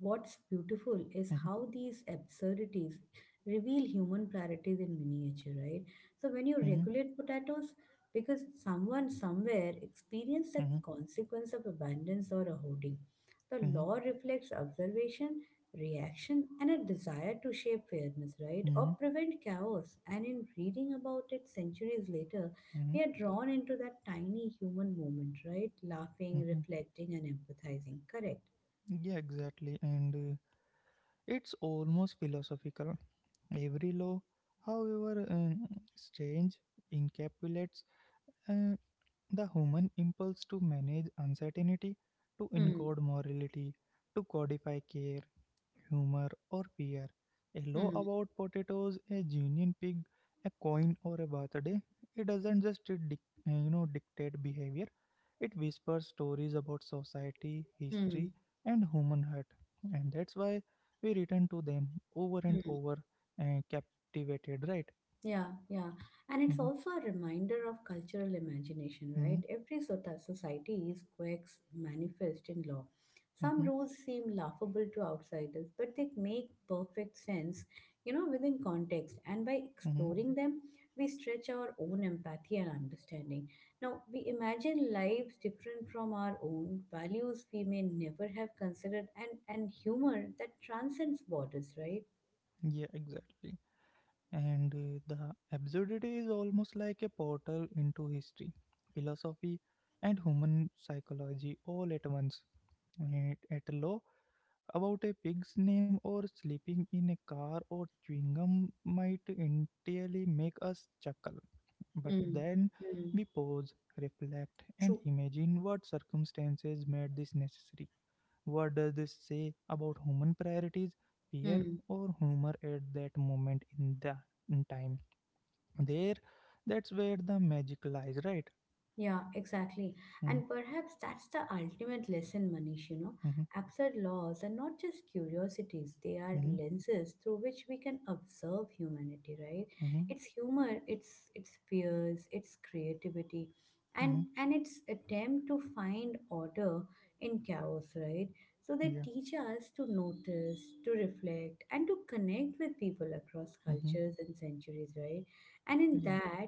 [SPEAKER 2] what's
[SPEAKER 1] Hmm.
[SPEAKER 2] beautiful is how these absurdities reveal human priorities in miniature, right? So when you
[SPEAKER 1] Hmm.
[SPEAKER 2] regulate potatoes, because someone somewhere experienced the
[SPEAKER 1] Hmm.
[SPEAKER 2] consequence of abundance or a hoarding, the
[SPEAKER 1] Hmm.
[SPEAKER 2] law reflects observation, reaction, and a desire to shape fairness, right? Or
[SPEAKER 1] Hmm.
[SPEAKER 2] prevent chaos. And in reading about it centuries later,
[SPEAKER 1] Hmm.
[SPEAKER 2] we are drawn into that tiny human moment, right? Laughing,
[SPEAKER 1] Hmm.
[SPEAKER 2] reflecting, and empathizing. Correct.
[SPEAKER 1] Yeah, exactly. And it's almost philosophical. Every law, however strange, encapsulates uh, the human impulse to manage uncertainty, to
[SPEAKER 2] Hmm.
[SPEAKER 1] encode morality, to codify care, humor, or fear. A law
[SPEAKER 2] Hmm.
[SPEAKER 1] about potatoes, a union pig, a coin, or a birthday. It doesn't just dictate behavior. It whispers stories about society, history,
[SPEAKER 2] Hmm.
[SPEAKER 1] and human heart, and that's why we return to them over and
[SPEAKER 2] Hmm.
[SPEAKER 1] over, captivated. Right?
[SPEAKER 2] Yeah, yeah. And it's
[SPEAKER 1] Mm-hmm,
[SPEAKER 2] also a reminder of cultural imagination,
[SPEAKER 1] mm-hmm,
[SPEAKER 2] right? Every sota- society is quirks manifest in law. Some
[SPEAKER 1] mm-hmm.
[SPEAKER 2] rules seem laughable to outsiders, but they make perfect sense, you know, within context. And by
[SPEAKER 1] Mm-hmm.
[SPEAKER 2] exploring them, we stretch our own empathy and understanding. Now, we imagine lives different from our own, values we may never have considered, and humor that transcends borders, right?
[SPEAKER 1] Yeah, exactly. And the absurdity is almost like a portal into history, philosophy, and human psychology all at once. At a law about a pig's name or sleeping in a car or chewing gum might entirely make us chuckle, but
[SPEAKER 2] Hmm.
[SPEAKER 1] then
[SPEAKER 2] Hmm.
[SPEAKER 1] we pause, reflect, and
[SPEAKER 2] True.
[SPEAKER 1] imagine what circumstances made this necessary. What does this say about human priorities, fear,
[SPEAKER 2] Hmm.
[SPEAKER 1] or humor at that moment in the in time? There, that's where the magic lies, right?
[SPEAKER 2] Yeah, exactly.
[SPEAKER 1] Hmm.
[SPEAKER 2] And perhaps that's the ultimate lesson, Manish, you know.
[SPEAKER 1] Hmm.
[SPEAKER 2] Absurd laws are not just curiosities, they are
[SPEAKER 1] Hmm.
[SPEAKER 2] lenses through which we can observe humanity, right?
[SPEAKER 1] Hmm.
[SPEAKER 2] It's humor, it's fears, it's creativity, and
[SPEAKER 1] Hmm.
[SPEAKER 2] its attempt to find order in chaos, right? So they
[SPEAKER 1] Yeah.
[SPEAKER 2] teach us to notice, to reflect, and to connect with people across
[SPEAKER 1] Hmm.
[SPEAKER 2] cultures and centuries, right? And in
[SPEAKER 1] Yeah.
[SPEAKER 2] that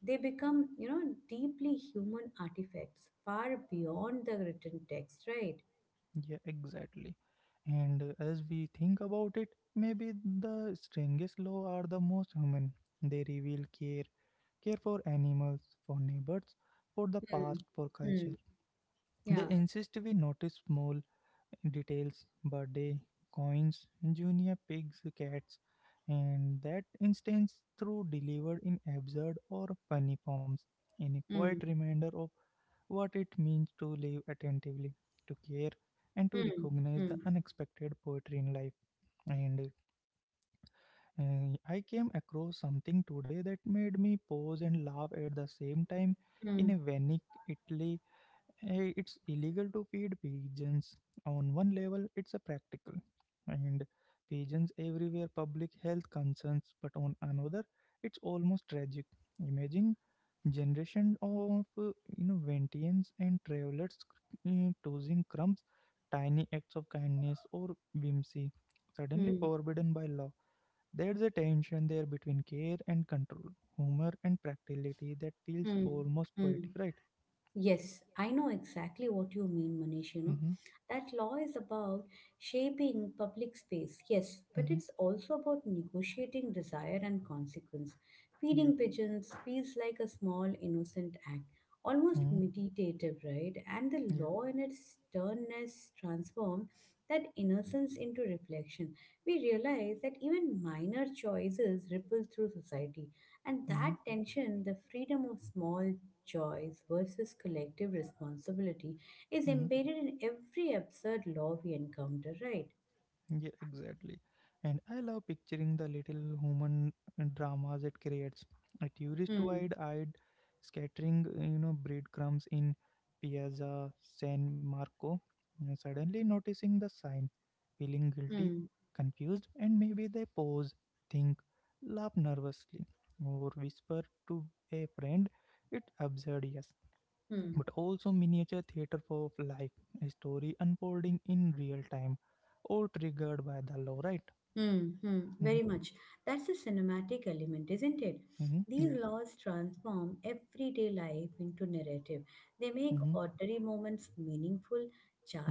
[SPEAKER 2] they become, you know, deeply human artifacts far beyond the written text, right?
[SPEAKER 1] Yeah, exactly. And as we think about it, maybe the strangest law are the most human. They reveal care, care for animals, for neighbors, for the
[SPEAKER 2] Hmm.
[SPEAKER 1] past, for
[SPEAKER 2] Hmm.
[SPEAKER 1] culture. They
[SPEAKER 2] Yeah.
[SPEAKER 1] insist we notice small details, birthday, coins, junior pigs, cats, and that instance through delivered in absurd or funny forms, in a quiet
[SPEAKER 2] Hmm.
[SPEAKER 1] reminder of what it means to live attentively, to care, and to
[SPEAKER 2] Hmm.
[SPEAKER 1] recognize the
[SPEAKER 2] Hmm.
[SPEAKER 1] unexpected poetry in life. And I came across something today that made me pause and laugh at the same time in a
[SPEAKER 2] Hmm.
[SPEAKER 1] Venice, Italy. It's illegal to feed pigeons. On one level, it's a practical and pigeons everywhere public health concerns, but on another, it's almost tragic. Imagine generation of ventians and travelers tossing crumbs, tiny acts of kindness or whimsy, suddenly
[SPEAKER 2] Hmm.
[SPEAKER 1] forbidden by law. There's a tension there between care and control, humor and practicality that feels
[SPEAKER 2] Hmm.
[SPEAKER 1] almost
[SPEAKER 2] Hmm.
[SPEAKER 1] poetic, right?
[SPEAKER 2] Yes, I know exactly what you mean, Manish. You know,
[SPEAKER 1] Mm-hmm,
[SPEAKER 2] that law is about shaping public space, yes, but
[SPEAKER 1] mm-hmm,
[SPEAKER 2] it's also about negotiating desire and consequence.
[SPEAKER 1] yeah.
[SPEAKER 2] Feeding pigeons feels like a small, innocent act, almost
[SPEAKER 1] Mm-hmm.
[SPEAKER 2] meditative, right? And the
[SPEAKER 1] Yeah.
[SPEAKER 2] law, in its sternness, transforms that innocence into reflection. We realize that even minor choices ripple through society, and
[SPEAKER 1] Hmm.
[SPEAKER 2] that tension, the freedom of small choice versus collective responsibility is
[SPEAKER 1] Hmm.
[SPEAKER 2] embedded in every absurd law we encounter, right?
[SPEAKER 1] Yeah, exactly. And I love picturing the little human dramas it creates. A tourist
[SPEAKER 2] Hmm.
[SPEAKER 1] wide-eyed scattering, breadcrumbs in Piazza San Marco, suddenly noticing the sign, feeling guilty,
[SPEAKER 2] Hmm.
[SPEAKER 1] confused, and maybe they pause, think, laugh nervously, or whisper to a friend, it's absurd, yes,
[SPEAKER 2] Hmm.
[SPEAKER 1] but also miniature theater of life, a story unfolding in real time, all triggered by the law, right?
[SPEAKER 2] Hmm, hmm,
[SPEAKER 1] Mm-hmm,
[SPEAKER 2] very much. That's a cinematic element, isn't it?
[SPEAKER 1] mm-hmm,
[SPEAKER 2] These
[SPEAKER 1] yeah.
[SPEAKER 2] laws transform everyday life into narrative. They make
[SPEAKER 1] Mm-hmm,
[SPEAKER 2] ordinary moments meaningful,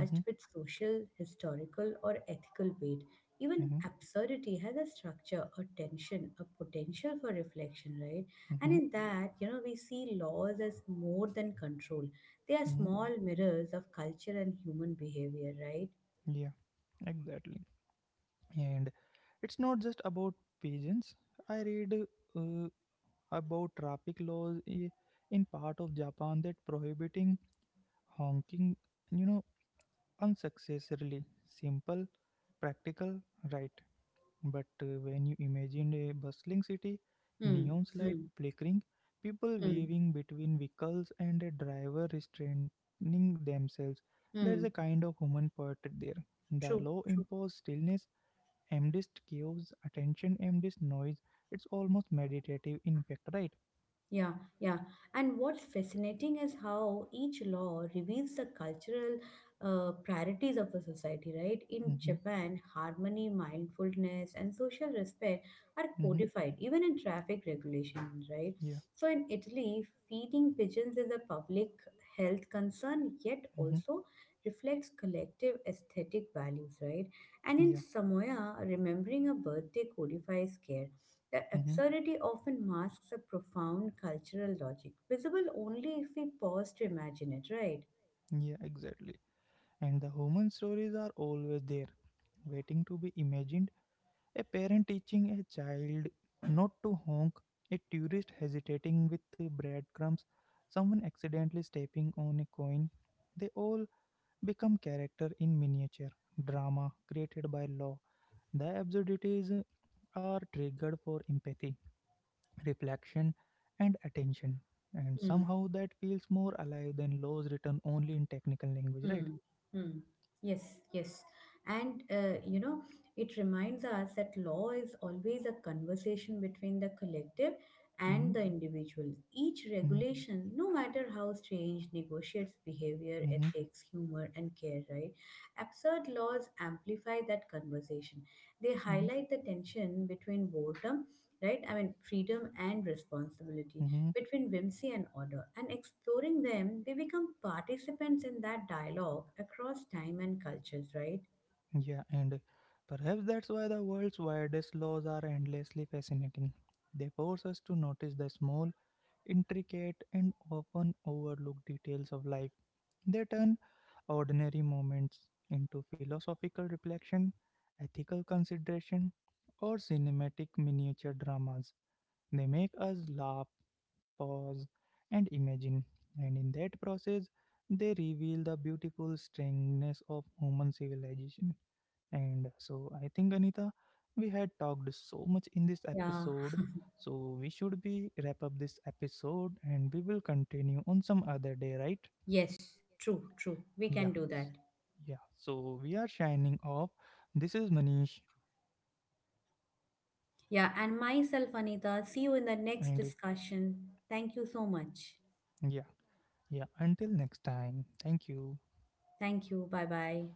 [SPEAKER 1] mm-hmm,
[SPEAKER 2] with social, historical, or ethical weight. Even
[SPEAKER 1] mm-hmm,
[SPEAKER 2] absurdity has a structure, a tension, a potential for reflection, right? And
[SPEAKER 1] mm-hmm,
[SPEAKER 2] in that, you know, we see laws as more than control. They are
[SPEAKER 1] mm-hmm,
[SPEAKER 2] small mirrors of culture and human behavior, right?
[SPEAKER 1] yeah, exactly. And it's not just about pigeons. I read uh, about traffic laws in part of Japan that prohibiting honking, you know, unsuccessfully. Simple, practical, right? But when you imagined a bustling city,
[SPEAKER 2] Hmm,
[SPEAKER 1] neon light
[SPEAKER 2] hmm,
[SPEAKER 1] flickering, people
[SPEAKER 2] hmm,
[SPEAKER 1] waving between vehicles, and a driver restraining themselves, there's a
[SPEAKER 2] hmm.
[SPEAKER 1] kind of human portrait there. The
[SPEAKER 2] True,
[SPEAKER 1] low
[SPEAKER 2] true.
[SPEAKER 1] imposed stillness, amidst chaos, attention, amidst noise. It's almost meditative, in fact, right?
[SPEAKER 2] Yeah, yeah. And what's fascinating is how each law reveals the cultural priorities of a society, right? In
[SPEAKER 1] Mm-hmm,
[SPEAKER 2] Japan, harmony, mindfulness, and social respect are
[SPEAKER 1] mm-hmm,
[SPEAKER 2] codified, even in traffic regulations, right?
[SPEAKER 1] yeah,
[SPEAKER 2] So in Italy, feeding pigeons is a public health concern, yet
[SPEAKER 1] mm-hmm,
[SPEAKER 2] also reflects collective aesthetic values, right? And in
[SPEAKER 1] yeah,
[SPEAKER 2] Samoa, remembering a birthday codifies care. The
[SPEAKER 1] mm-hmm,
[SPEAKER 2] absurdity often masks a profound cultural logic, visible only if we pause to imagine it, right?
[SPEAKER 1] yeah, exactly. And the human stories are always there, waiting to be imagined. A parent teaching a child not to honk, a tourist hesitating with the breadcrumbs, someone accidentally stepping on a coin. They all become character in miniature drama created by law. The absurdities are triggered for empathy, reflection, and attention. And somehow that feels more alive than laws written only in technical language, right?
[SPEAKER 2] Hmm. Hmm. Yes, yes. And you know, it reminds us that law is always a conversation between the collective
[SPEAKER 1] Mm-hmm,
[SPEAKER 2] and the individual. Each
[SPEAKER 1] mm-hmm,
[SPEAKER 2] regulation, no matter how strange, negotiates behavior,
[SPEAKER 1] mm-hmm,
[SPEAKER 2] ethics, humor, and care, right? Absurd laws amplify that conversation. They
[SPEAKER 1] mm-hmm,
[SPEAKER 2] highlight the tension between boredom, right? I mean, freedom and responsibility
[SPEAKER 1] mm-hmm.
[SPEAKER 2] between whimsy and order, and exploring them, we become participants in that dialogue across time and cultures, right?
[SPEAKER 1] Yeah, and perhaps that's why the world's weirdest laws are endlessly fascinating. They force us to notice the small, intricate, and often overlooked details of life. They turn ordinary moments into philosophical reflection, ethical consideration, or cinematic miniature dramas. They make us laugh, pause, and imagine, and in that process, they reveal the beautiful strangeness of human civilization. And so I think, Anita, we had talked so much in this
[SPEAKER 2] Yeah,
[SPEAKER 1] episode. So we should be wrap up this episode and we will continue on some other day, right?
[SPEAKER 2] yes, true, true. We
[SPEAKER 1] Yeah.
[SPEAKER 2] can do that.
[SPEAKER 1] Yeah. So we are shining off. This is Manish.
[SPEAKER 2] Yeah, and myself, Anita,
[SPEAKER 1] And
[SPEAKER 2] see you in the next discussion. Thank you so much.
[SPEAKER 1] yeah. Yeah. Until next time. Thank you.
[SPEAKER 2] Thank you. Bye bye.